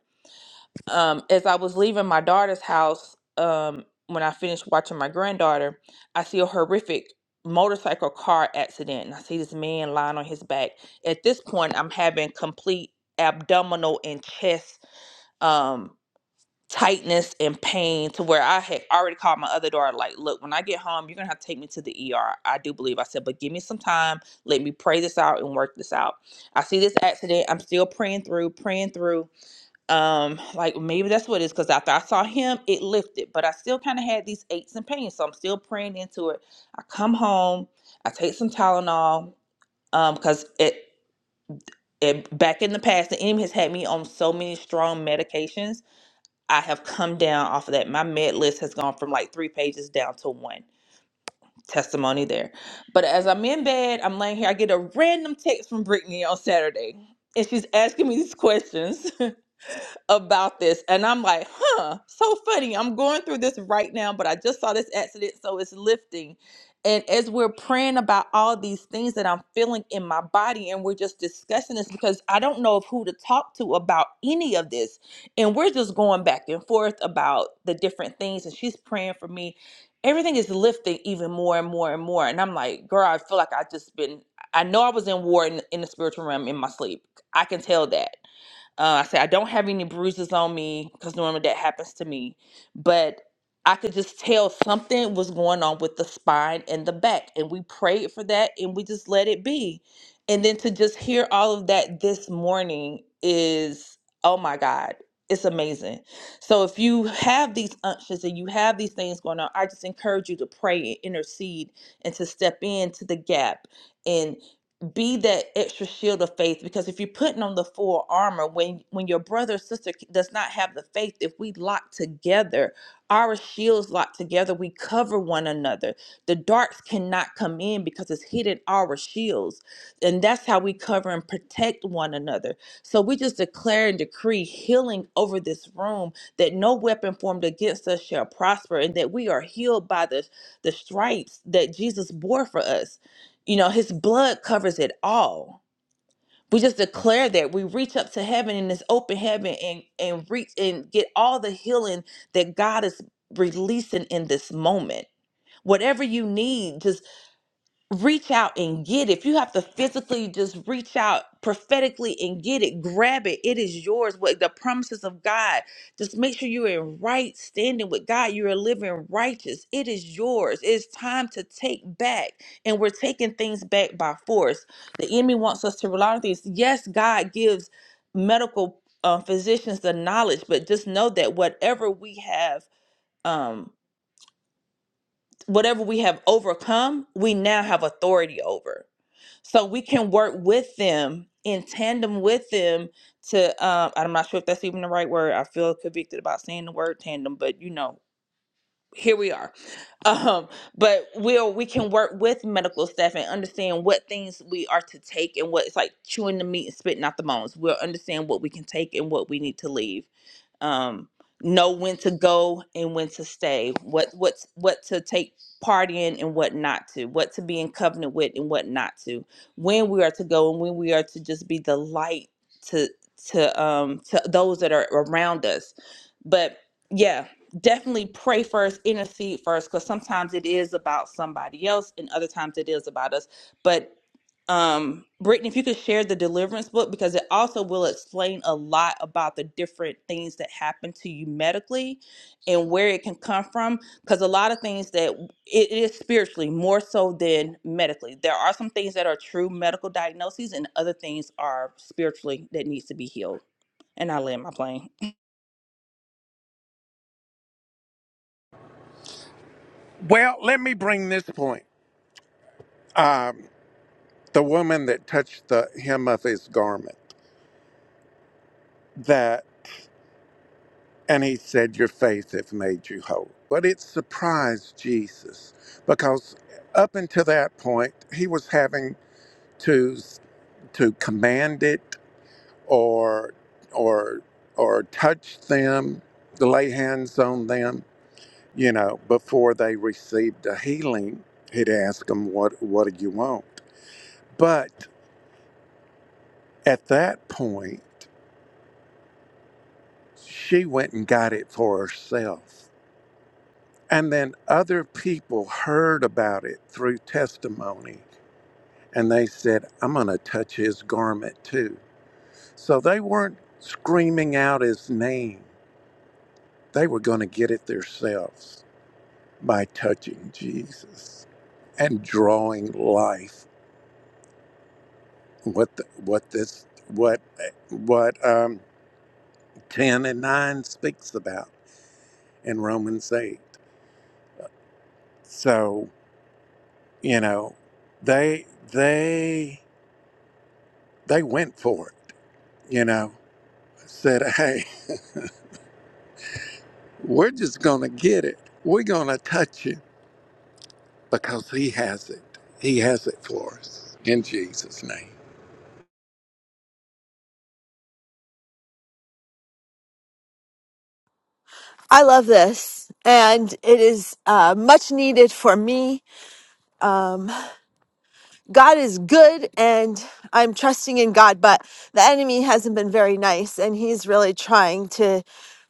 Um, as I was leaving my daughter's house, um, when I finished watching my granddaughter, I see a horrific motorcycle car accident, and I see this man lying on his back. At this point, I'm having complete abdominal and chest. Um, tightness and pain to where I had already called my other daughter, like, look, when I get home, you're gonna have to take me to the ER. I do believe I said, but give me some time. Let me pray this out and work this out. I see this accident. I'm still praying through, praying through. Um, like maybe that's what it is, because after I saw him, it lifted, but I still kind of had these aches and pains. So I'm still praying into it. I come home, I take some Tylenol, um, because it it, back in the past, the enemy has had me on so many strong medications I have come down off of that. My med list has gone from like three pages down to one testimony there. But as I'm in bed, I'm laying here, I get a random text from Brittany on Saturday, and she's asking me these questions. about this. And I'm like, huh, so funny. I'm going through this right now, but I just saw this accident, so it's lifting. And as we're praying about all these things that I'm feeling in my body, and we're just discussing this because I don't know of who to talk to about any of this. And we're just going back and forth about the different things. And she's praying for me. Everything is lifting even more and more and more. And I'm like, girl, I feel like I just been, I know I was in war in, in the spiritual realm in my sleep. I can tell that uh, I said, I don't have any bruises on me because normally that happens to me. But I could just tell something was going on with the spine and the back. And we prayed for that and we just let it be. And then to just hear all of that this morning is, oh my God, it's amazing. So if you have these unctions and you have these things going on, I just encourage you to pray and intercede and to step into the gap and be that extra shield of faith because if you're putting on the full armor when when your brother or sister does not have the faith if we lock together our shields lock together we cover one another the darts cannot come in because it's hidden our shields and that's how we cover and protect one another so we just declare and decree healing over this room that no weapon formed against us shall prosper and that we are healed by the the stripes that jesus bore for us you know, his blood covers it all. We just declare that we reach up to heaven in this open heaven and and reach and get all the healing that God is releasing in this moment. Whatever you need, just reach out and get it. If you have to physically just reach out prophetically and get it, grab it. It is yours. What the promises of God. Just make sure you're in right standing with God. You are living righteous. It is yours. It's time to take back. And we're taking things back by force. The enemy wants us to rely on things. Yes, God gives medical uh, physicians the knowledge, but just know that whatever we have, um, whatever we have overcome, we now have authority over so we can work with them in tandem with them to um i'm not sure if that's even the right word i feel convicted about saying the word tandem but you know here we are um but we'll we can work with medical staff and understand what things we are to take and what it's like chewing the meat and spitting out the bones we'll understand what we can take and what we need to leave um, know when to go and when to stay, what what's what to take part in and what not to, what to be in covenant with and what not to, when we are to go and when we are to just be the light to to um to those that are around us. But yeah, definitely pray first, intercede first, because sometimes it is about somebody else and other times it is about us. But um brittany if you could share the deliverance book because it also will explain a lot about the different things that happen to you medically and where it can come from because a lot of things that it it is spiritually more so than medically there are some things that are true medical diagnoses and other things are spiritually that needs to be healed and i land my plane Well, let me bring this point. Um, the woman that touched the hem of his garment that and he said your faith hath made you whole but it surprised jesus because up until that point he was having to to command it or or or touch them to lay hands on them you know before they received a healing he'd ask them what what do you want but at that point She went and got it for herself. And then other people heard about it through testimony and they said, I'm going to touch his garment too. So they weren't screaming out his name, they were going to get it themselves by touching Jesus and drawing life. What, the, what this, what, what, um, 10 and 9 speaks about in Romans 8. So. you know they they they went for it you know said hey we're just gonna get it we're gonna touch him because he has it he has it for us in jesus name I love this, and it is uh, much needed for me. Um, God is good and I'm trusting in God, but the enemy hasn't been very nice and he's really trying to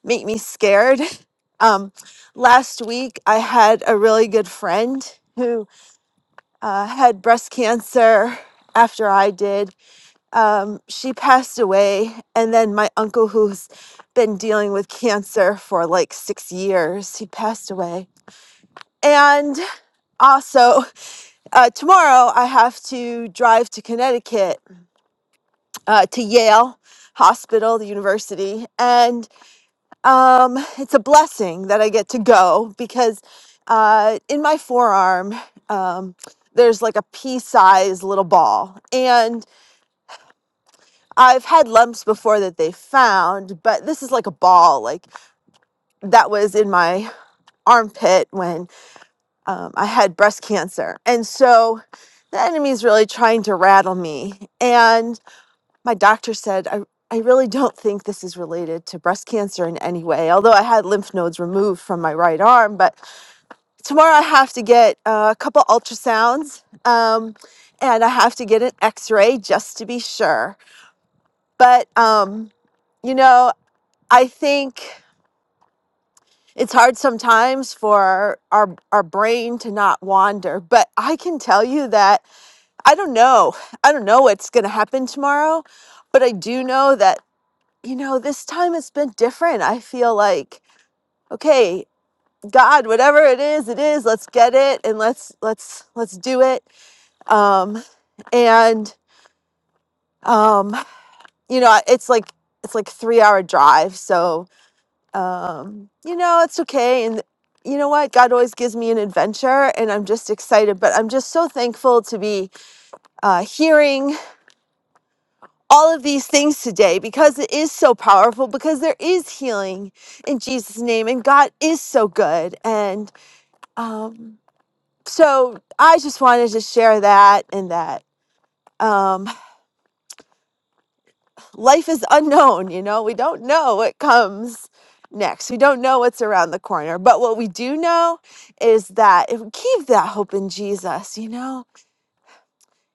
make me scared. Um, last week, I had a really good friend who uh, had breast cancer after I did. Um, she passed away, and then my uncle, who's been dealing with cancer for like six years, he passed away. And also, uh, tomorrow I have to drive to Connecticut uh, to Yale Hospital, the university. And um, it's a blessing that I get to go because uh, in my forearm, um, there's like a pea sized little ball. And I've had lumps before that they found, but this is like a ball, like that was in my armpit when um, I had breast cancer. And so the enemy's really trying to rattle me. And my doctor said I I really don't think this is related to breast cancer in any way. Although I had lymph nodes removed from my right arm, but tomorrow I have to get uh, a couple ultrasounds, um, and I have to get an X-ray just to be sure. But um, you know, I think it's hard sometimes for our our brain to not wander. But I can tell you that I don't know. I don't know what's going to happen tomorrow, but I do know that you know, this time it's been different. I feel like, okay, God, whatever it is, it is. Let's get it and let's let's let's do it. Um and um you know, it's like it's like 3-hour drive, so um you know, it's okay and you know what? God always gives me an adventure and I'm just excited, but I'm just so thankful to be uh hearing all of these things today because it is so powerful, because there is healing in Jesus' name, and God is so good. And um, so I just wanted to share that and that um, life is unknown, you know, we don't know what comes next. We don't know what's around the corner. But what we do know is that if we keep that hope in Jesus, you know,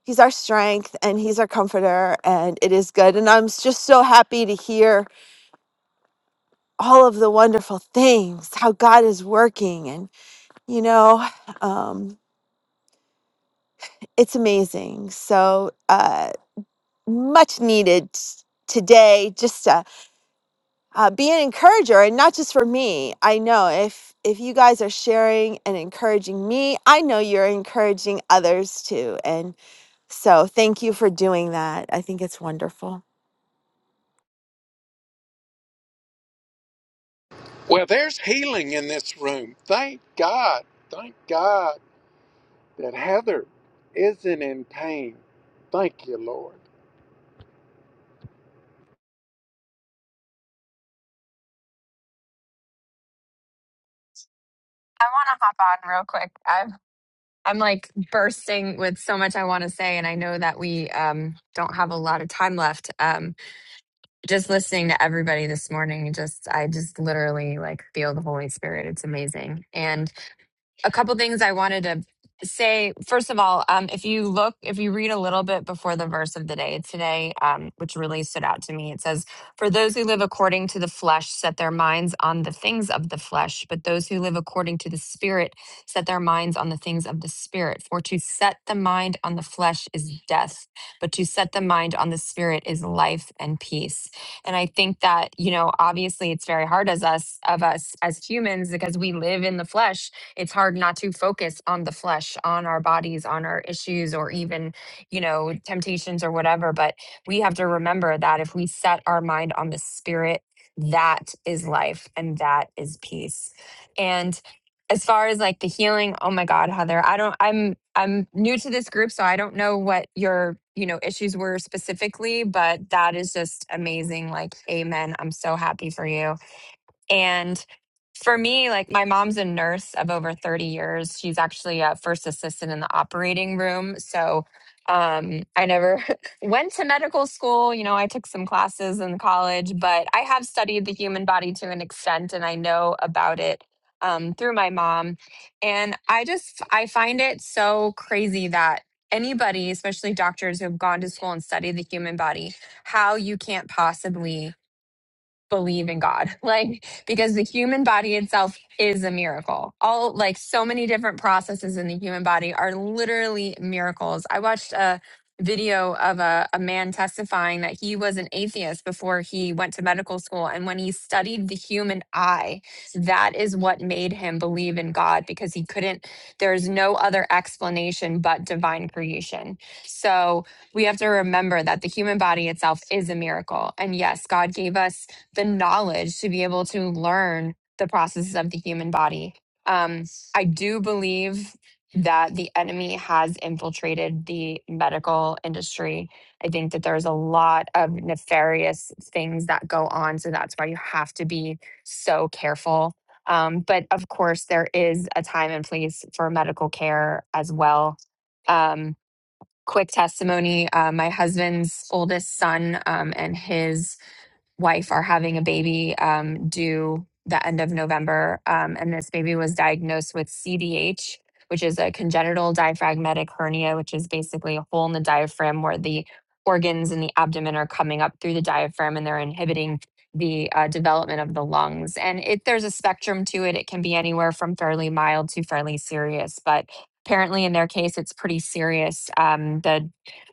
He's our strength and He's our comforter, and it is good. And I'm just so happy to hear all of the wonderful things, how God is working. And, you know, um, it's amazing. So uh, much needed today just to uh, be an encourager and not just for me. I know if, if you guys are sharing and encouraging me, I know you're encouraging others too. And so thank you for doing that. I think it's wonderful. well there's healing in this room thank god thank god that heather isn't in pain thank you lord I want to hop on real quick. I'm I'm like bursting with so much I want to say, and I know that we um, don't have a lot of time left. Um, just listening to everybody this morning, just I just literally like feel the Holy Spirit. It's amazing, and a couple things I wanted to say. First of all, um, if you look, if you read a little bit before the verse of the day today, um, which really stood out to me, it says, For those who live according to the flesh set their minds on the things of the flesh, but those who live according to the spirit set their minds on the things of the spirit. For to set the mind on the flesh is death, but to set the mind on the spirit is life and peace. And I think that, you know, obviously it's very hard as us, of us as humans, because we live in the flesh it's hard not to focus on the flesh, on our bodies, on our issues, or even, you know, temptations or whatever. But we have to remember that if we set our mind on the spirit, that is life and that is peace. And as far as like the healing, oh my God, Heather, I don't, I'm, I'm new to this group, so I don't know what your, you know, issues were specifically, but that is just amazing. Like, amen. I'm so happy for you. And for me, like my mom's a nurse of over 30 years. She's actually a first assistant in the operating room. So um, I never went to medical school. You know, I took some classes in college, but I have studied the human body to an extent and I know about it um, through my mom. And I just, I find it so crazy that anybody, especially doctors who have gone to school and studied the human body, how you can't possibly believe in God. Like, because the human body itself is a miracle. All like so many different processes in the human body are literally miracles. I watched a video of a, a man testifying that he was an atheist before he went to medical school. And when he studied the human eye, that is what made him believe in God because he couldn't, there's no other explanation but divine creation. So we have to remember that the human body itself is a miracle. And yes, God gave us the knowledge to be able to learn the processes of the human body. Um, I do believe that the enemy has infiltrated the medical industry. I think that there's a lot of nefarious things that go on. So that's why you have to be so careful. Um, but of course, there is a time and place for medical care as well. Um, quick testimony uh, my husband's oldest son um, and his wife are having a baby um, due the end of November. Um, and this baby was diagnosed with CDH, which is a congenital diaphragmatic hernia, which is basically a hole in the diaphragm where the organs in the abdomen are coming up through the diaphragm and they're inhibiting the uh, development of the lungs. And it, there's a spectrum to it. It can be anywhere from fairly mild to fairly serious. But apparently in their case it's pretty serious um, the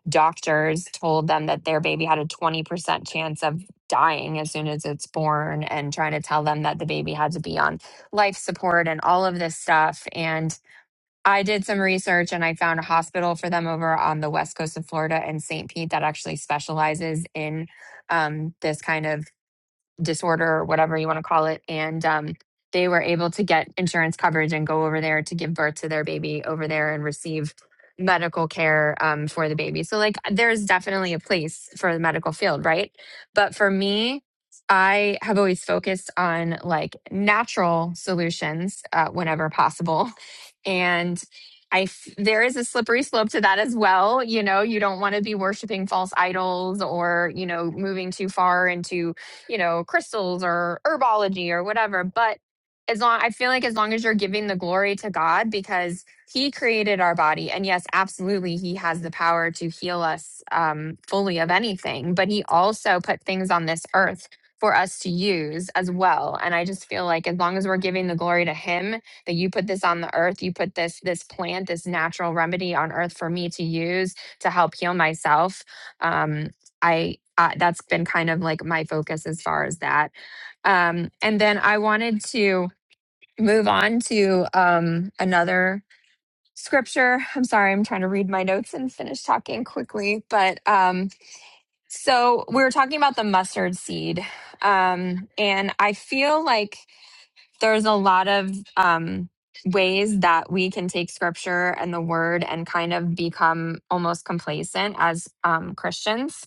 doctors told them that their baby had a 20% chance of dying as soon as it's born and trying to tell them that the baby had to be on life support and all of this stuff and i did some research and i found a hospital for them over on the west coast of florida in st pete that actually specializes in um, this kind of disorder or whatever you want to call it. And um, they were able to get insurance coverage and go over there to give birth to their baby over there and receive medical care um, for the baby. So, like, there's definitely a place for the medical field, right? But for me, I have always focused on like natural solutions uh, whenever possible. And I f- there is a slippery slope to that as well. You know, you don't want to be worshiping false idols or you know moving too far into you know, crystals or herbology or whatever. But as long I feel like as long as you're giving the glory to God because he created our body and yes, absolutely he has the power to heal us um fully of anything, but he also put things on this earth for us to use as well. And I just feel like as long as we're giving the glory to him that you put this on the earth, you put this this plant, this natural remedy on earth for me to use to help heal myself. Um I uh, that's been kind of like my focus as far as that. Um, and then I wanted to move on to um, another scripture. I'm sorry, I'm trying to read my notes and finish talking quickly. But um, so we were talking about the mustard seed. Um, and I feel like there's a lot of um, ways that we can take scripture and the word and kind of become almost complacent as um, Christians.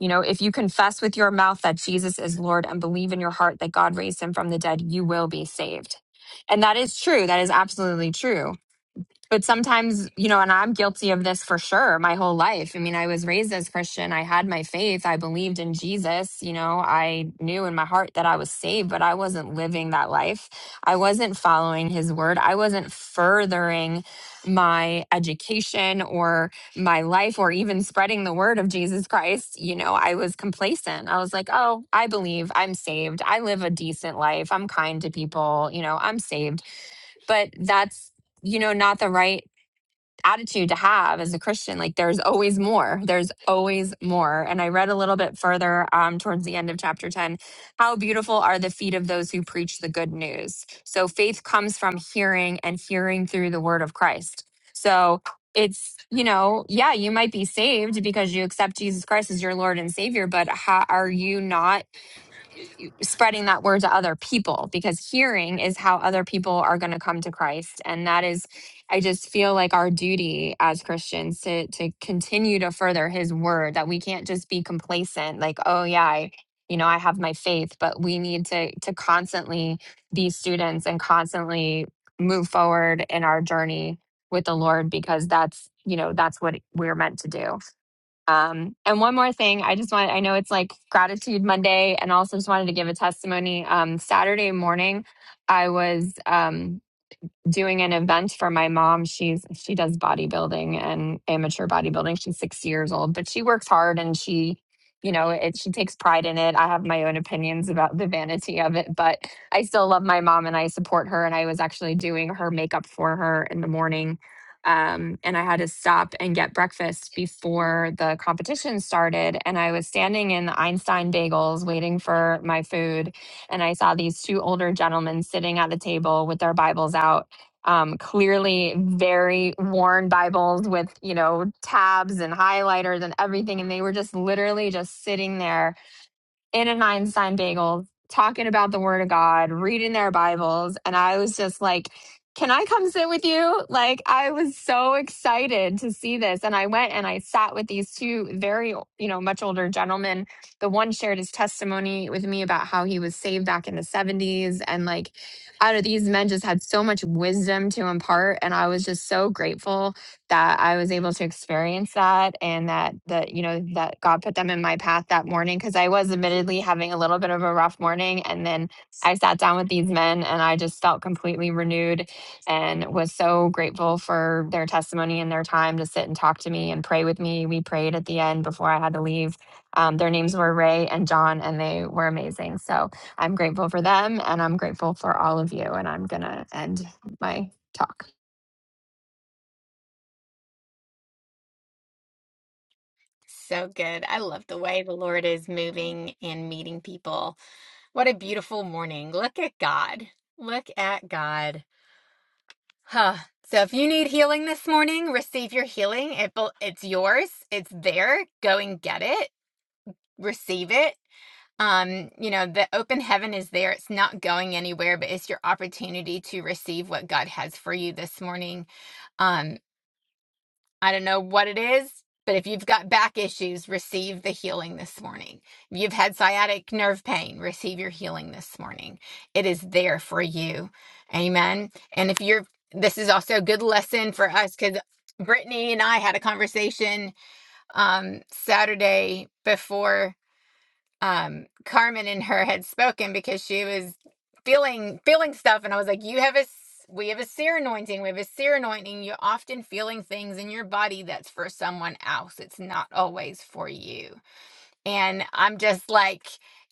You know, if you confess with your mouth that Jesus is Lord and believe in your heart that God raised him from the dead, you will be saved. And that is true. That is absolutely true but sometimes you know and i'm guilty of this for sure my whole life i mean i was raised as christian i had my faith i believed in jesus you know i knew in my heart that i was saved but i wasn't living that life i wasn't following his word i wasn't furthering my education or my life or even spreading the word of jesus christ you know i was complacent i was like oh i believe i'm saved i live a decent life i'm kind to people you know i'm saved but that's you know not the right attitude to have as a Christian. Like there's always more. There's always more. And I read a little bit further um, towards the end of chapter 10 how beautiful are the feet of those who preach the good news. So faith comes from hearing and hearing through the word of Christ. So it's, you know, yeah, you might be saved because you accept Jesus Christ as your Lord and Savior, but how, are you not spreading that word to other people because hearing is how other people are going to come to Christ and that is I just feel like our duty as Christians to to continue to further his word that we can't just be complacent like oh yeah I you know I have my faith but we need to to constantly be students and constantly move forward in our journey with the Lord because that's you know that's what we're meant to do. Um, and one more thing, I just want I know it's like gratitude Monday and also just wanted to give a testimony. Um, Saturday morning, I was, um, doing an event for my mom. She's she does bodybuilding and amateur bodybuilding. She's 6 years old, but she works hard and she you know, it she takes pride in it. I have my own opinions about the vanity of it, but I still love my mom and I support her and I was actually doing her makeup for her in the morning. Um, and I had to stop and get breakfast before the competition started. And I was standing in the Einstein Bagels waiting for my food and I saw these two older gentlemen sitting at the table with their Bibles out um, clearly very worn Bibles with, you know, tabs and highlighters and everything. And they were just literally just sitting there in an Einstein bagel talking about the word of God, reading their Bibles. And I was just like, can I come sit with you? Like, I was so excited to see this. And I went and I sat with these two very, you know, much older gentlemen. The one shared his testimony with me about how he was saved back in the 70s. And like, out of these men just had so much wisdom to impart. And I was just so grateful that I was able to experience that and that that you know that God put them in my path that morning because I was admittedly having a little bit of a rough morning and then I sat down with these men and I just felt completely renewed and was so grateful for their testimony and their time to sit and talk to me and pray with me. We prayed at the end before I had to leave. Um, their names were Ray and John and they were amazing. So I'm grateful for them and I'm grateful for all of you and I'm going to end my talk. so good. I love the way the Lord is moving and meeting people. What a beautiful morning. Look at God. Look at God. Huh. So if you need healing this morning, receive your healing. It, bel- it's yours. It's there. Go and get it. Receive it. Um, you know, the open heaven is there. It's not going anywhere, but it's your opportunity to receive what God has for you this morning. Um, I don't know what it is, but if you've got back issues, receive the healing this morning. If you've had sciatic nerve pain, receive your healing this morning. It is there for you. Amen. And if you're, this is also a good lesson for us because Brittany and I had a conversation um, Saturday before um Carmen and her had spoken because she was feeling feeling stuff and I was like you have a s- we have a seer anointing we have a seer anointing you're often feeling things in your body that's for someone else it's not always for you and I'm just like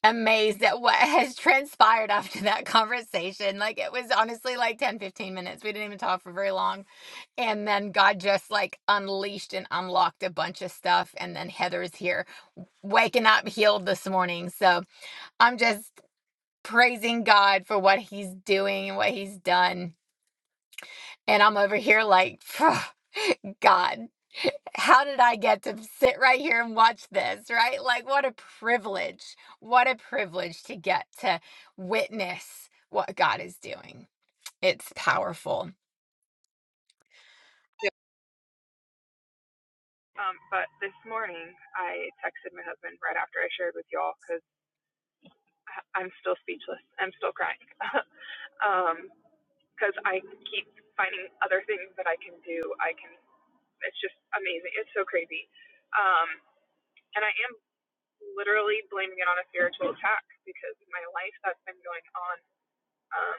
amazed at what has transpired after that conversation like it was honestly like 10 15 minutes we didn't even talk for very long and then God just like unleashed and unlocked a bunch of stuff and then Heather's here waking up healed this morning so I'm just praising God for what he's doing and what he's done. And I'm over here like, God, how did I get to sit right here and watch this, right? Like, what a privilege. What a privilege to get to witness what God is doing. It's powerful. yeah, um, but this morning I texted my husband right after I shared with y'all because I'm still speechless. I'm still crying because I keep finding other things that I can do. I can. It's just amazing. It's so crazy, um, and I am literally blaming it on a spiritual attack because my life that's been going on. um,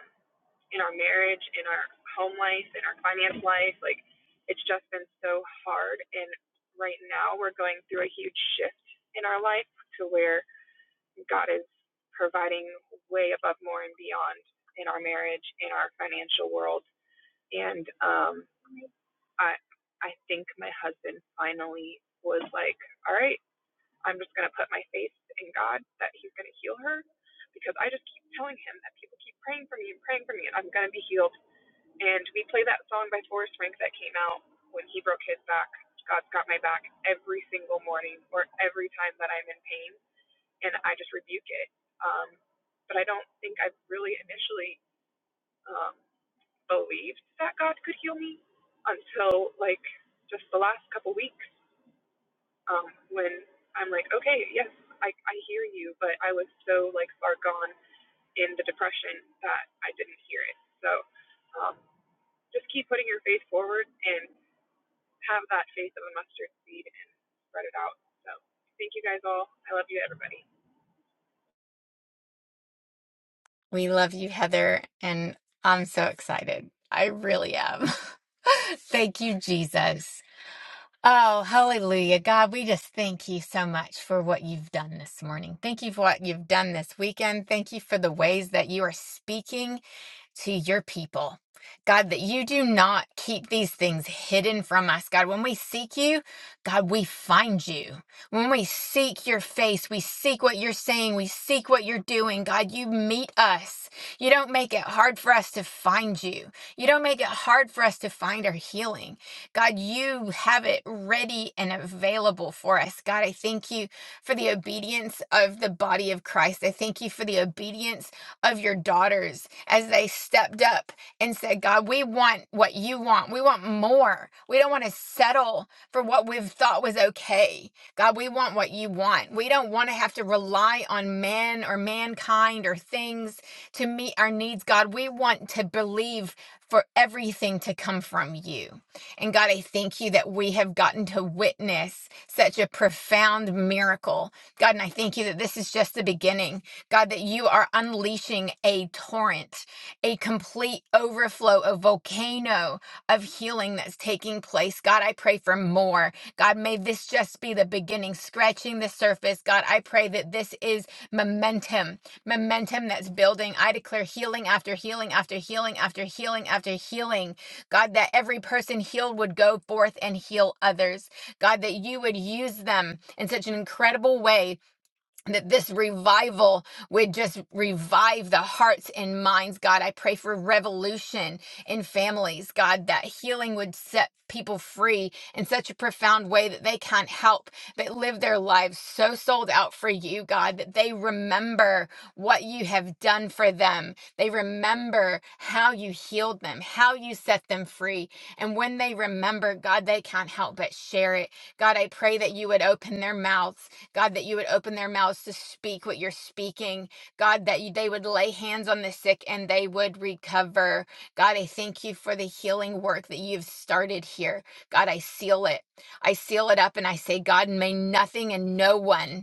in our marriage, in our home life, in our finance life. Like, it's just been so hard. And right now, we're going through a huge shift in our life to where God is providing way above, more, and beyond in our marriage, in our financial world. And um, I, I think my husband finally was like, all right, I'm just going to put my faith in God that He's going to heal her because I just keep telling him that people keep praying for me and praying for me and I'm going to be healed and we play that song by Forrest Frank that came out when he broke his back, God's Got My Back, every single morning or every time that I'm in pain. And I just rebuke it. Um, but I don't think I really initially um, believed that God could heal me until like just the last couple weeks um, when I'm like, okay, yes, I, I hear you, but I was so like far gone in the depression that I didn't hear it. So um, just keep putting your faith forward and have that faith of a mustard seed and spread it out. So thank you guys all. I love you, everybody. We love you, Heather. And I'm so excited. I really am. Thank you, Jesus. Oh, hallelujah. God, we just thank you so much for what you've done this morning. Thank you for what you've done this weekend. Thank you for the ways that you are speaking to your people. God, that you do not keep these things hidden from us. God, when we seek you, God, we find you. When we seek your face, we seek what you're saying, we seek what you're doing. God, you meet us. You don't make it hard for us to find you. You don't make it hard for us to find our healing. God, you have it ready and available for us. God, I thank you for the obedience of the body of Christ. I thank you for the obedience of your daughters as they stepped up and said, God, we want what you want. We want more. We don't want to settle for what we've thought was okay. God, we want what you want. We don't want to have to rely on man or mankind or things to meet our needs. God, we want to believe for everything to come from you. And God, I thank you that we have gotten to witness such a profound miracle. God, and I thank you that this is just the beginning. God, that you are unleashing a torrent, a complete overflow, a volcano of healing that's taking place. God, I pray for more. God, may this just be the beginning, scratching the surface. God, I pray that this is momentum, momentum that's building. I declare healing after healing after healing after healing after healing. God, that every person healed would go forth and heal others. God, that you would use them in such an incredible way that this revival would just revive the hearts and minds, God. I pray for revolution in families, God, that healing would set people free in such a profound way that they can't help but live their lives so sold out for you, God, that they remember what you have done for them. They remember how you healed them, how you set them free. And when they remember, God, they can't help but share it. God, I pray that you would open their mouths God, that you would open their mouths to speak what you're speaking. God, that you, they would lay hands on the sick and they would recover. God, I thank you for the healing work that you've started here. God, I seal it. I seal it up and I say, God, may nothing and no one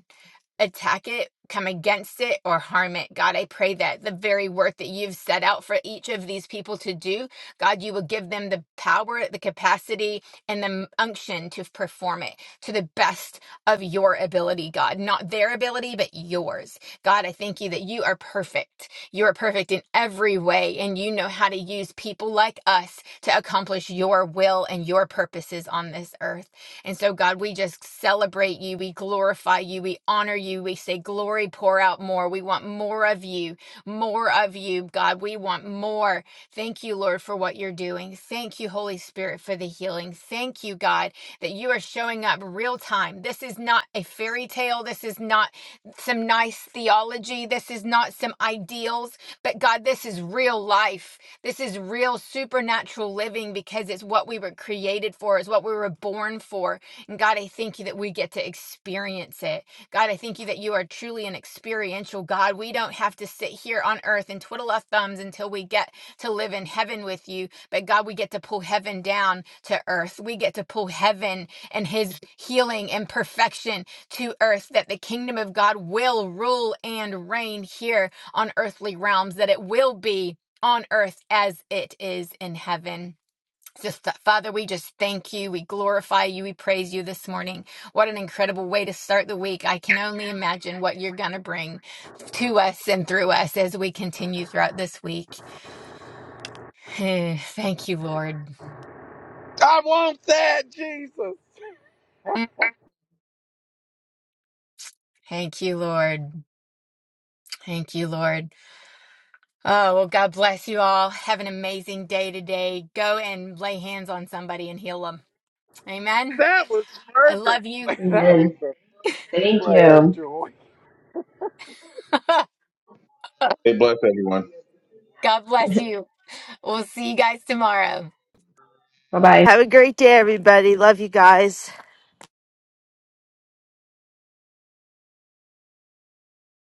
attack it, come against it, or harm it. God, I pray that the very work that you've set out for each of these people to do, God, you will give them the power, the capacity, and the unction to perform it to the best of your ability, God. Not their ability, but yours. God, I thank you that you are perfect. You are perfect in every way, and you know how to use people like us to accomplish your will and your purposes on this earth. And so, God, we just celebrate you. We glorify you. We honor you. We say, Glory, pour out more. We want more of you, more of you, God. We want more. Thank you, Lord, for what you're doing. Thank you, Holy Spirit, for the healing. Thank you, God, that you are showing up real time. This is not a fairy tale. This is not some nice theology. This is not some ideals. But God, this is real life. This is real supernatural living because it's what we were created for, it's what we were born for. And God, I thank you that we get to experience it. God, I thank you that you are truly an experiential God. We don't have to sit here on earth and twiddle our thumbs until we get to live in heaven with you. But God, we get to pull heaven down to earth. We get to pull heaven and his healing and perfection to earth that the kingdom of God will rule and reign here on earthly realms, that it will be on earth as it is in heaven. Just that, Father, we just thank you. We glorify you. We praise you this morning. What an incredible way to start the week. I can only imagine what you're going to bring to us and through us as we continue throughout this week. Thank you, Lord. i want that jesus Mm. Thank you, Lord. Thank you, Lord. Oh, well, God bless you all. Have an amazing day today. Go and lay hands on somebody and heal them. Amen. that was I fervent love you. to share. that was Amen. a Thank prayer you. joy Hey, bless everyone. God bless you. We'll see you guys tomorrow. Bye bye. Have a great day, everybody. Love you guys.